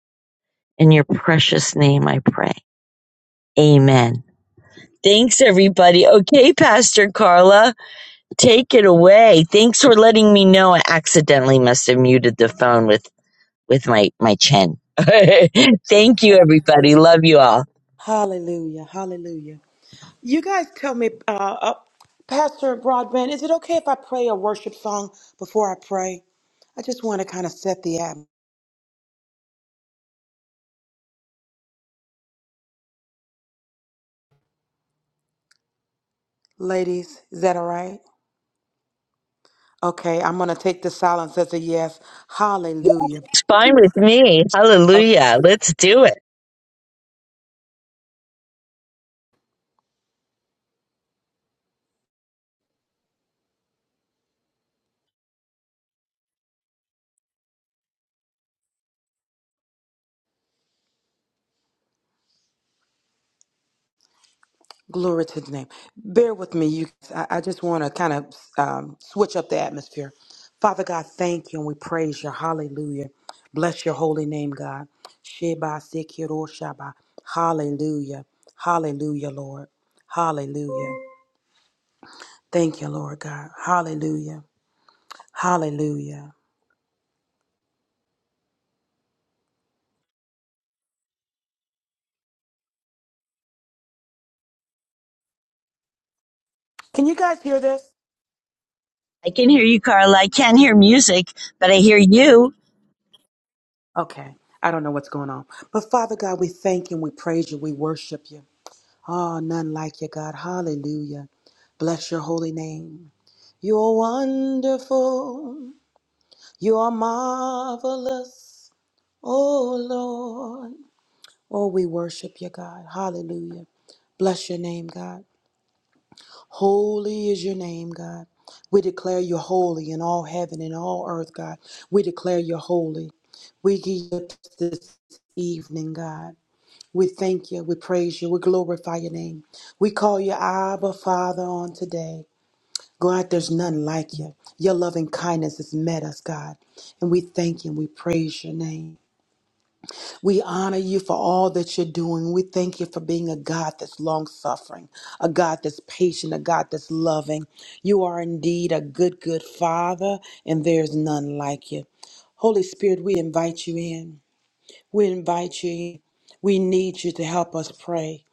In your precious name, I pray. Amen. Thanks, everybody. Okay, Pastor Carla, take it away. Thanks for letting me know. I accidentally must have muted the phone with, with my, my chin. Thank you, everybody. Love you all. Hallelujah. Hallelujah. You guys tell me, uh, uh, Pastor Broadbent, is it okay if I play a worship song before I pray? I just want to kind of set the atmosphere. Ladies, is that all right? Okay, I'm going to take the silence as a yes. Yeah, Hallelujah. it's fine with me. Okay. Hallelujah. Let's do it. Glory to his name. Bear with me. You, I, I just want to kind of um, switch up the atmosphere. Father God, thank you and we praise you. Hallelujah. Bless your holy name, God. Sheba sekiro shaba. Hallelujah. Hallelujah, Lord. Hallelujah. Thank you, Lord God. Hallelujah. Hallelujah. Can you guys hear this? I can hear you, Carla. I can't hear music, but I hear you, Okay. I don't know what's going on. But Father God, we thank you and we praise you. We worship you. Ah, oh, none like you, God. Hallelujah. Bless your holy name. You are wonderful. You are marvelous. Oh, Lord. Oh, we worship you, God. Hallelujah. Bless your name, God. Holy is your name, God. We declare you holy in all heaven and all earth, God. We declare you holy. We give you this evening, God. We thank you. We praise you. We glorify your name. We call you Abba Father on today. God, there's none like you. Your loving kindness has met us, God. And we thank you and we praise your name. We honor you for all that you're doing. We thank you for being a God that's long suffering, a God that's patient, a God that's loving. You are indeed a good, good Father, and there's none like you. Holy Spirit, we invite you in. We invite you in. We need you to help us pray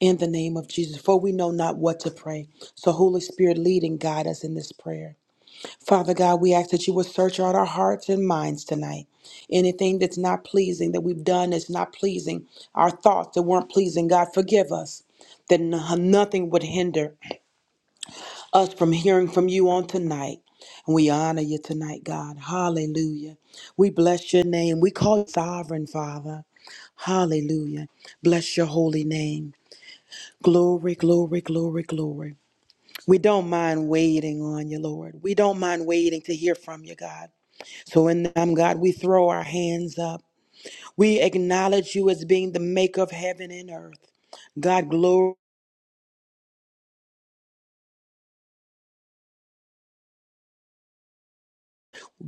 in the name of Jesus, for we know not what to pray. So, Holy Spirit, lead and guide us in this prayer. Father God, we ask that you would search out our hearts and minds tonight. Anything that's not pleasing that we've done that's not pleasing, our thoughts that weren't pleasing, God, forgive us. That no- nothing would hinder us from hearing from you on tonight. And we honor you tonight, God. Hallelujah. We bless your name. We call you sovereign, Father. Hallelujah. Bless your holy name. Glory, glory, glory, glory. We don't mind waiting on you, Lord. We don't mind waiting to hear from you, God. So, in them, God, we throw our hands up. We acknowledge you as being the maker of heaven and earth. God, glory.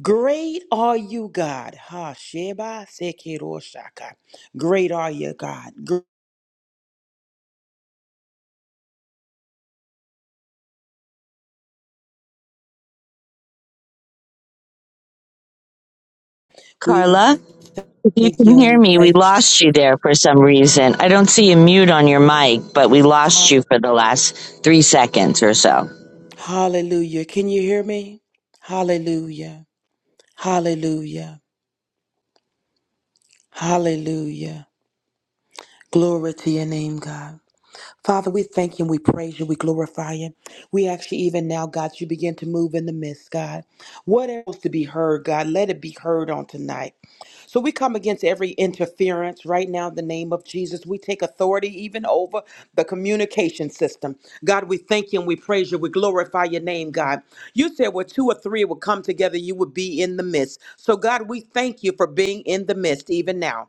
Great are you, God. Ha Sheba Sekiro Great are you, God. Gr- We Carla. You thank can you and hear we me. We praise you. lost you there for some reason. I don't see a mute on your mic, but we lost Ha- you for the last three seconds or so. Hallelujah. Can you hear me? Hallelujah. Hallelujah. Hallelujah. Glory to your name, God. Father, we thank you and we praise you. We glorify you. We actually, even now, God, you begin to move in the midst, God. What else to be heard, God? Let it be heard on tonight. So we come against every interference right now in the name of Jesus. We take authority even over the communication system. God, we thank you and we praise you. We glorify your name, God. You said where two or three would come together, you would be in the midst. So, God, we thank you for being in the midst even now.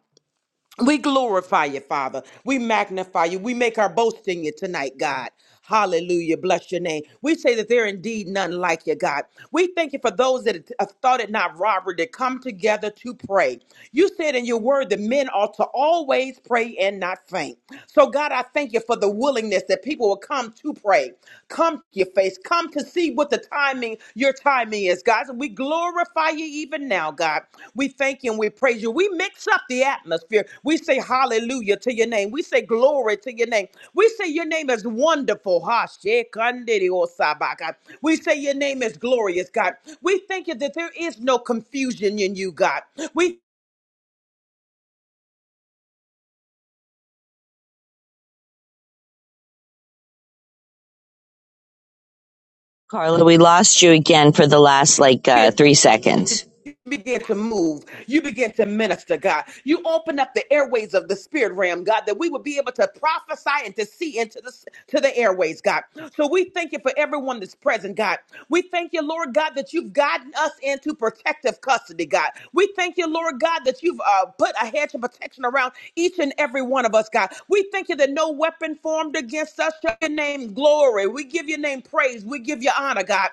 We glorify you, Father. We magnify you. We make our boast in you tonight, God. Hallelujah. Bless your name. We say that there indeed none like you, God. We thank you for those that have thought it not robbery to come together to pray. You said in your word that men ought to always pray and not faint. So, God, I thank you for the willingness that people will come to pray, come face. Come to see what the timing, your timing is, God. So we glorify you even now, God. We thank you and we praise you. We mix up the atmosphere. We say hallelujah to your name. We say glory to your name. We say your name is wonderful. Ha, shekandiri osaba, God. We say your name is glorious, God. We thank you that there is no confusion in you, God. We Carla, we lost you again for the last like uh, three seconds. begin to move. You begin to minister, God. You open up the airways of the spirit realm, God, that we would be able to prophesy and to see into the to the airways, God. So we thank you for everyone that's present, God. We thank you, Lord God, that you've gotten us into protective custody, God. We thank you, Lord God, that you've uh, put a hedge of protection around each and every one of us, God. We thank you that no weapon formed against us shall your name glory. We give your name praise. We give you honor, God.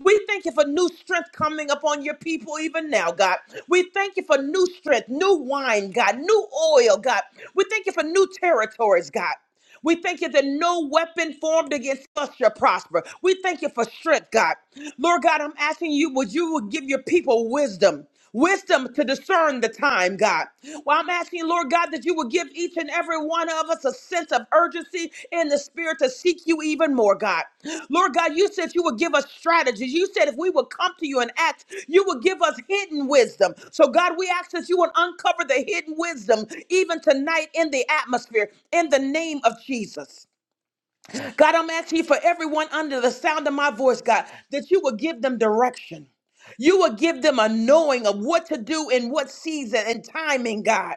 We thank you for new strength coming upon your people even now, God. We thank you for new strength, new wine, God, new oil, God. We thank you for new territories, God. We thank you that no weapon formed against us shall prosper. We thank you for strength, God. Lord God, I'm asking you, would you would give your people wisdom? Wisdom to discern the time, God. Well, I'm asking, Lord God, that you would give each and every one of us a sense of urgency in the spirit to seek you even more, God. Lord God, you said you would give us strategies. You said if we would come to you and ask, you would give us hidden wisdom. So, God, we ask that you would uncover the hidden wisdom even tonight in the atmosphere in the name of Jesus. God, I'm asking you for everyone under the sound of my voice, God, that you would give them direction. You will give them a knowing of what to do in what season and timing, God.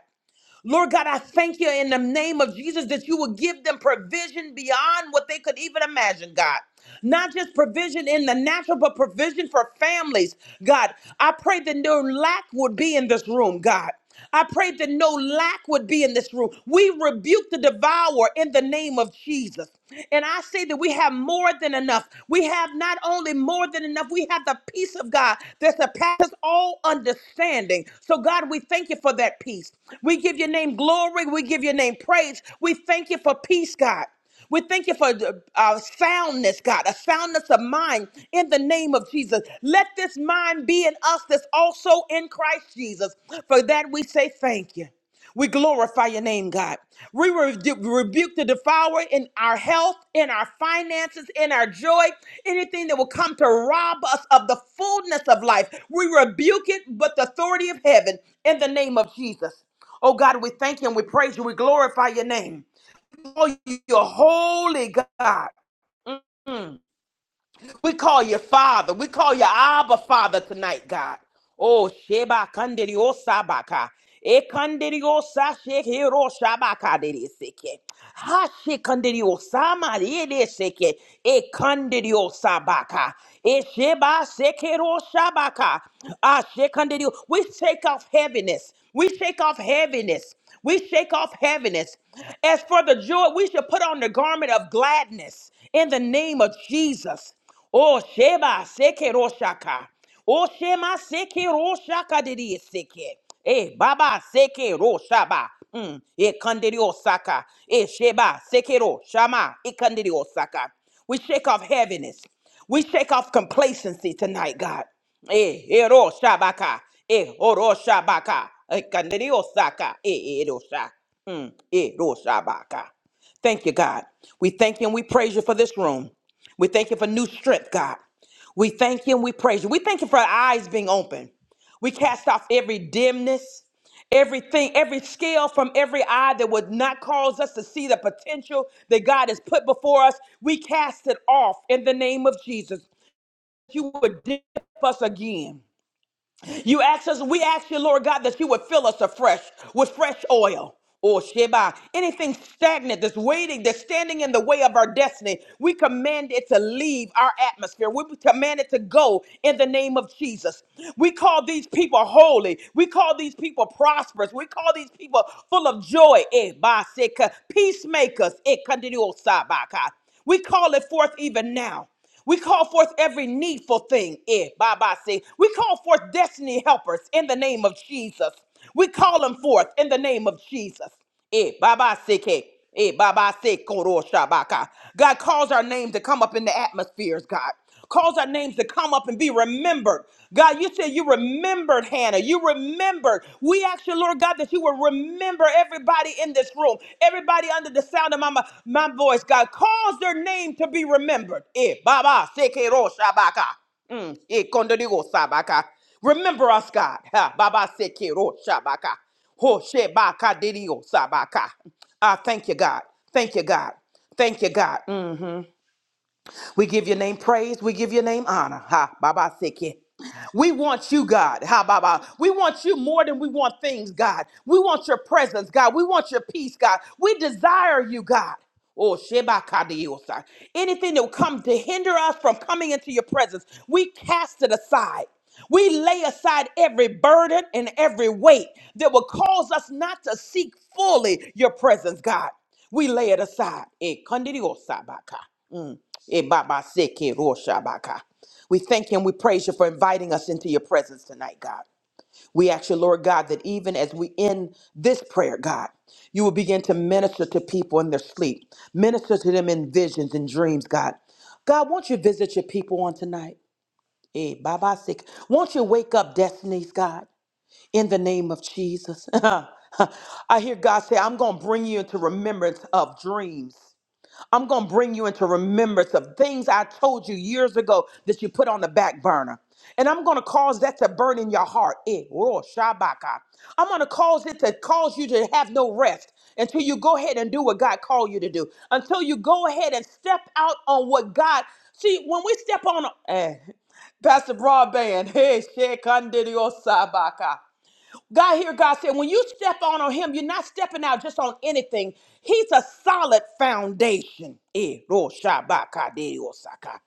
Lord God, I thank you in the name of Jesus that you will give them provision beyond what they could even imagine, God. Not just provision in the natural, but provision for families. God, I pray that no lack would be in this room, God. I pray that no lack would be in this room. We rebuke the devourer in the name of Jesus. And I say that we have more than enough. We have not only more than enough, we have the peace of God that surpasses all understanding. So, God, we thank you for that peace. We. We give your name glory. We give your name praise. We thank you for peace, God. We thank you for uh, uh, soundness, God, a soundness of mind in the name of Jesus. Let this mind be in us that's also in Christ Jesus. For that we say thank you. We glorify your name, God. We rebu- rebuke the devourer in our health, in our finances, in our joy, anything that will come to rob us of the fullness of life. We rebuke it with the authority of heaven in the name of Jesus. Oh God, we thank you and we praise you. We glorify your name. Oh, you're holy, God. Mm. We call you Father. We call you Abba Father tonight, God. Oh, Sheba Kandiri Sabaka. E Kandiri Osa Shekiro Shabaka Diri Seke. Ha Shekandiri Osama Diri Seke. E Kandiri Sabaka. E Sheba Sekero, Shabaka. Ah, Shekandiri. We shake off heaviness. We shake off heaviness. We shake off heaviness. As for the joy, we should put on the garment of gladness in the name of Jesus. Oh Sheba Sekeroshaka. Oh Shema Sekeroshaka did Seke. Eh Baba Sekero Shaba. Mm. E Kandiri Osaka. Eh Sheba Sekero Shama. E Kandiri Osaka. We shake off heaviness. We shake off complacency tonight, God. Eh Ero Shabaka. Eh Oro Shabaka. Eh Kandiri Osaka. Eh Ero Sha. Mm. Ero Shabaka. Thank you, God. We thank you and we praise you for this room. We thank you for new strength, God. We thank you and we praise you. We thank you for our eyes being open. We cast off every dimness, everything, every scale from every eye that would not cause us to see the potential that God has put before us. We cast it off in the name of Jesus. You would dip us again. You ask us, we ask you, Lord God, that you would fill us afresh with fresh oil. Or Sheba, anything stagnant that's waiting, that's standing in the way of our destiny, we command it to leave our atmosphere. We command it to go in the name of Jesus. We call these people holy. We call these people prosperous. We call these people full of joy. Eh, ba, se, ka, Peacemakers. Eh, continue, oh, sa, ba, ka. We call it forth even now. We call forth every needful thing. Eh, bye bye, see. We call forth destiny helpers in the name of Jesus. We call them forth in the name of Jesus. Eh, bye bye, see. K. Eh, bye bye, see. Koro shabaka. God calls our name to come up in the atmospheres, God. Cause our names to come up and be remembered. God, you said you remembered Hannah. You remembered. We ask you, Lord God, that you will remember everybody in this room, everybody under the sound of my, my, voice, God. Cause their name to be remembered. Eh, Baba, Sekiro, Shabaka. Mm, eh, Kondodigo, Sabaka. Remember us, God. Ha, Baba, Sekiro, Shabaka. Ho, Shebaka, Didio, Sabaka. Ah, thank you, God. Thank you, God. Thank you, God. We give your name praise. We give your name honor. Ha, Baba Siki. We want you, God. Ha, Baba. We want you more than we want things, God. We want your presence, God. We want your peace, God. We desire you, God. Oh, Sheba Kadiosa. Anything that will come to hinder us from coming into your presence, we cast it aside. We lay aside every burden and every weight that will cause us not to seek fully your presence, God. We lay it aside. Eh, Kandidiosa Baka. Ebabaseke roshabaka. We thank you and we praise you for inviting us into your presence tonight, God. We ask you, Lord God, that even as we end this prayer, God, you will begin to minister to people in their sleep, minister to them in visions and dreams, God. God, won't you visit your people on tonight? Eh, Baba sick. Won't you wake up destinies, God, in the name of Jesus? I hear God say, I'm going to bring you into remembrance of dreams I'm going to bring you into remembrance of things I told you years ago that you put on the back burner. And I'm going to cause that to burn in your heart. Eh, ro shabaka. I'm going to cause it to cause you to have no rest until you go ahead and do what God called you to do. Until you go ahead and step out on what God. See, when we step on, eh, Pastor Broadband, hey, Shekandidiosa Baka. God here, God said, when you step on on him, you're not stepping out just on anything. He's a solid foundation. Eh, ro shabaka de osaka.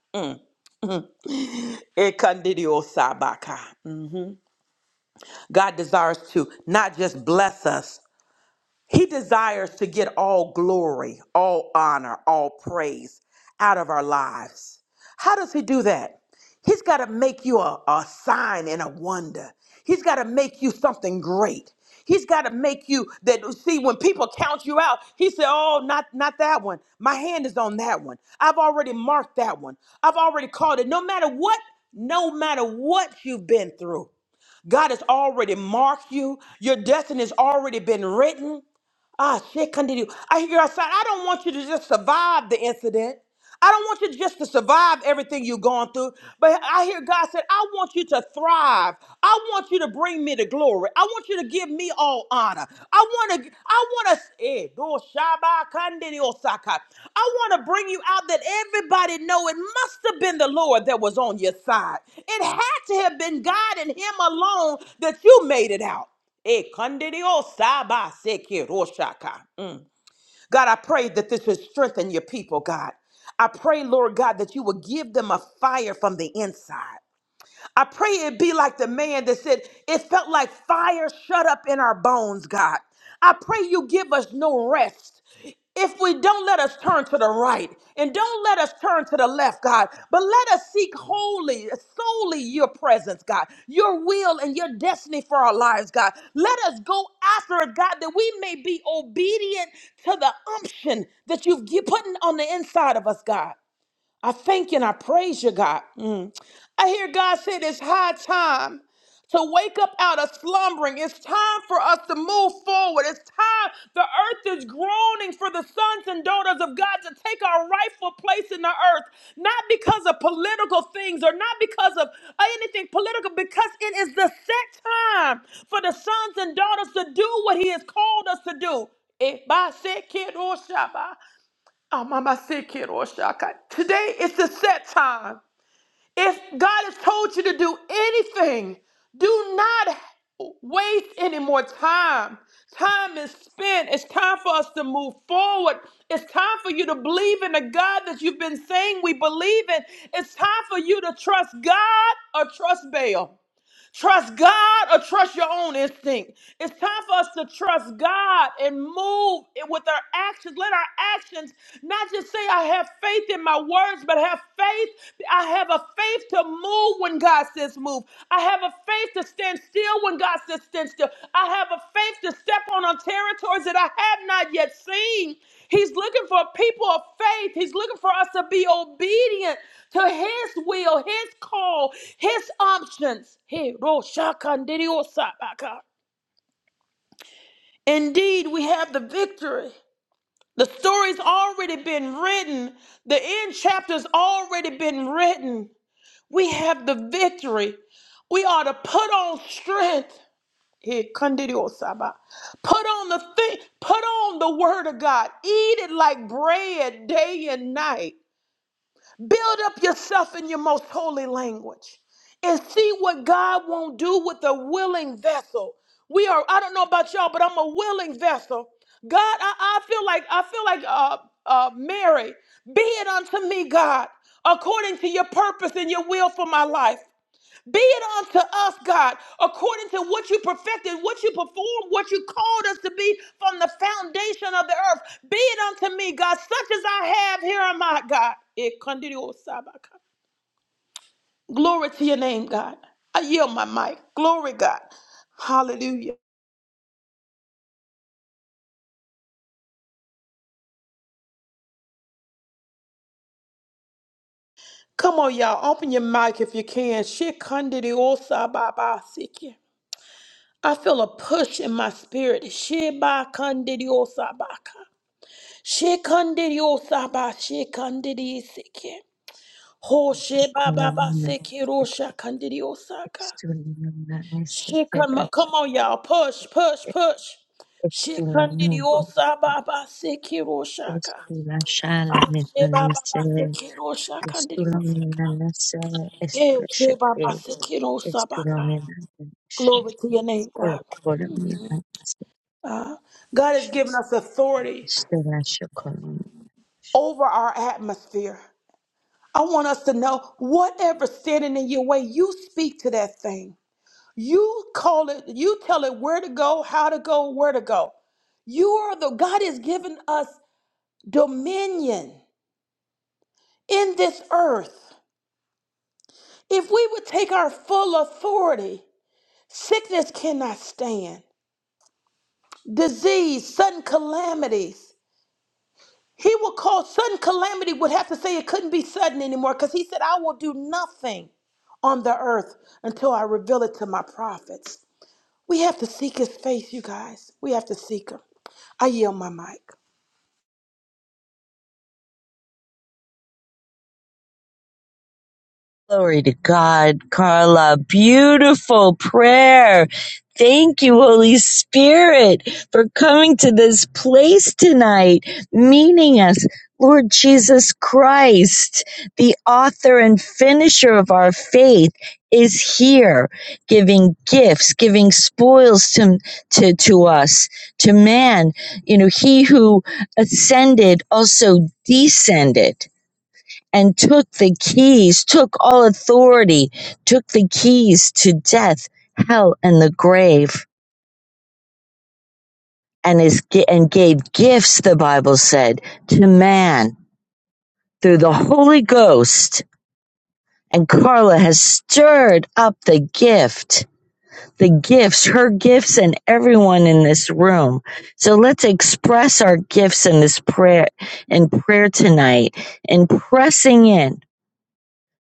Eh, kandidi osabaka. God desires to not just bless us. He desires to get all glory, all honor, all praise out of our lives. How does he do that? He's got to make you a, a sign and a wonder. He's got to make you something great. He's got to make you that see when people count you out, he said, "Oh, not not that one. My hand is on that one. I've already marked that one. I've already called it. No matter what, no matter what you've been through, God has already marked you. Your destiny has already been written. Ah, shit, continue. I hear you outside. I don't want you to just survive the incident. I don't want you just to survive everything you're going through. But I hear God said, I want you to thrive. I want you to bring me the glory. I want you to give me all honor. I want to, I want to, eh, do shaba kandini osaka. I want to bring you out that everybody know it must have been the Lord that was on your side. It had to have been God and Him alone that you made it out. Eh, kandidio saba seke roshaka. Mm. God, I pray that this would strengthen your people, God. I pray, Lord God, that you would give them a fire from the inside. I pray it be like the man that said, It felt like fire shut up in our bones, God. I pray you give us no rest. If we don't let us turn to the right and don't let us turn to the left, God, but let us seek wholly, solely your presence, God, your will and your destiny for our lives, God. Let us go after it, God, that we may be obedient to the unction that you've gi- put on the inside of us, God. I thank you and I praise you, God. Mm. I hear God said it's high time to wake up out of slumbering. It's time for us to move forward. It's time. The earth is groaning for the sons and daughters of God to take our rightful place in the earth, not because of political things or not because of anything political, because it is the set time for the sons and daughters to do what He has called us to do. Eh, ba, se, ke, do, sha, ba. Oh, Mama, sick kid or shaka. Today is the set time. If God has told you to do anything, do not waste any more time. Time is spent. It's time for us to move forward. It's time for you to believe in the God that you've been saying we believe in. It's time for you to trust God or trust Baal. Trust God or trust your own instinct. It's time for us to trust God and move it with our actions. Let our actions not just say, I have faith in my words, but have faith. I have a faith to move when God says move. I have a faith to stand still when God says stand still. I have a faith to step on on territories that I have not yet seen. He's looking for people of faith. He's looking for us to be obedient to His will, His call, His options. Hey, Roshakandidiosabaka. Indeed, we have the victory. The story's already been written. The end chapter's already been written. We have the victory. We are to put on strength. Hey, Kandidiosaba. Put on the thing, put on the word of God. Eat it like bread day and night. Build up yourself in your most holy language and see what God won't do with a willing vessel. We are, I don't know about y'all, but I'm a willing vessel. God, I, I feel like, I feel like uh, uh, Mary, be it unto me, God, according to your purpose and your will for my life. Be it unto us, God, according to what you perfected, what you performed, what you called us to be from the foundation of the earth. Be it unto me, God, such as I have, here am I, God. Eh, kandidio sabaka. Glory to your name, God. I yield my mic. Glory, God. Hallelujah. Come on, y'all. Open your mic if you can. Shikandidio sababasiki. I feel a push in my spirit. Shiba kandidio sabaka. Shekandiriosaba, shekandirioseke. Hoshebababaseke, roshakandiriosaka. Estula Shekama, come on, y'all. Push, push, push. Shekandiriosaba Baba. Shekandiriosababaseke, roshaka. estula shala metanise Ashebababaseke, roshakandiriosaka. estulamina nese Eh, estulasheke shebabaseke, rosabaka. estulamina neshe Glory to your name, God. olokolomina nese Uh, God has given us authority estula shokolom over our atmosphere. I want us to know whatever standing in your way, you speak to that thing. You call it, you tell it where to go, how to go, where to go. You are the God has given us dominion in this earth. If we would take our full authority, sickness cannot stand, disease, sudden calamities. He will cause sudden calamity, would have to say it couldn't be sudden anymore because he said, I will do nothing on the earth until I reveal it to my prophets. We have to seek his face, you guys. We have to seek him. I yield my mic. Glory to God, Carla. Beautiful prayer. Thank you, Holy Spirit, for coming to this place tonight, meeting us. Lord Jesus Christ, the author and finisher of our faith, is here giving gifts, giving spoils to, to, to us, to man. You know, he who ascended also descended and took the keys, took all authority, took the keys to death, hell, and the grave, and is and gave gifts. The Bible said to man through the Holy Ghost, and Carla has stirred up the gift. The gifts, her gifts, and everyone in this room. So let's express our gifts in this prayer, in prayer tonight, and pressing in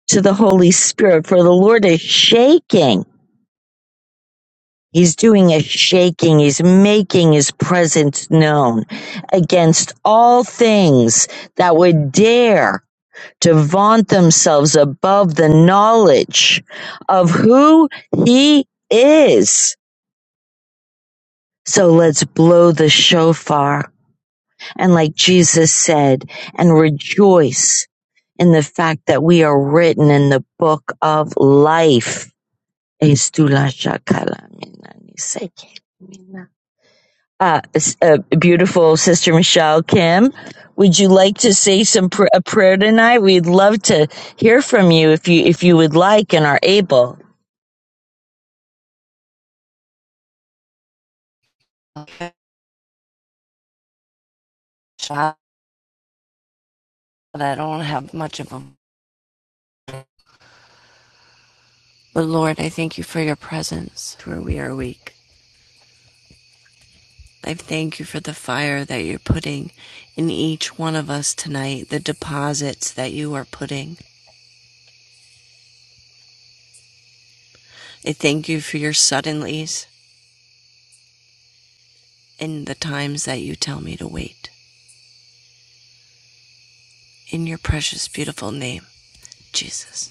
to the Holy Spirit for the Lord is shaking. He's doing a shaking. He's making his presence known against all things that would dare to vaunt themselves above the knowledge of who he is. So let's blow the shofar. And like Jesus said, and rejoice in the fact that we are written in the book of life. uh, uh, beautiful Sister Michelle Kim. Would you like to say some pr- a prayer tonight? We'd love to hear from you if you if you would like and are able. shot, I don't have much of them. But Lord, I thank you for your presence where we are weak. I thank you for the fire that you're putting in each one of us tonight, the deposits that you are putting. I thank you for your suddenlies and the times that you tell me to wait. In your precious, beautiful name, Jesus.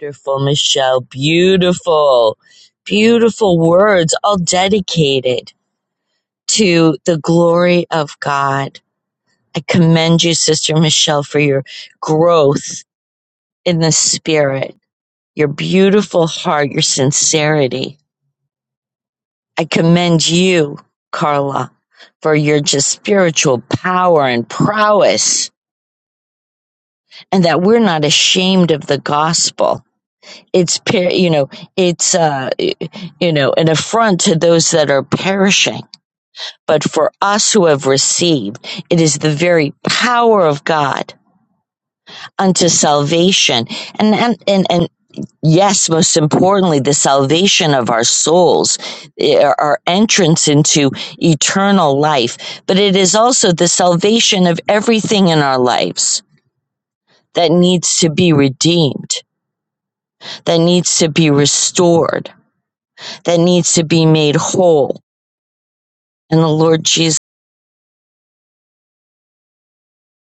Wonderful, Michelle. Beautiful, beautiful words, all dedicated to the glory of God. I commend you, Sister Michelle, for your growth in the spirit, your beautiful heart, your sincerity I commend you, Carla, for your just spiritual power and prowess, and that we're not ashamed of the gospel. It's you know it's uh, you know an affront to those that are perishing, but for us who have received, it is the very power of God unto salvation. And and and, and yes, most importantly, the salvation of our souls, eh, our entrance into eternal life, but it is also the salvation of everything in our lives that needs to be redeemed, that needs to be restored, that needs to be made whole. And the Lord Jesus.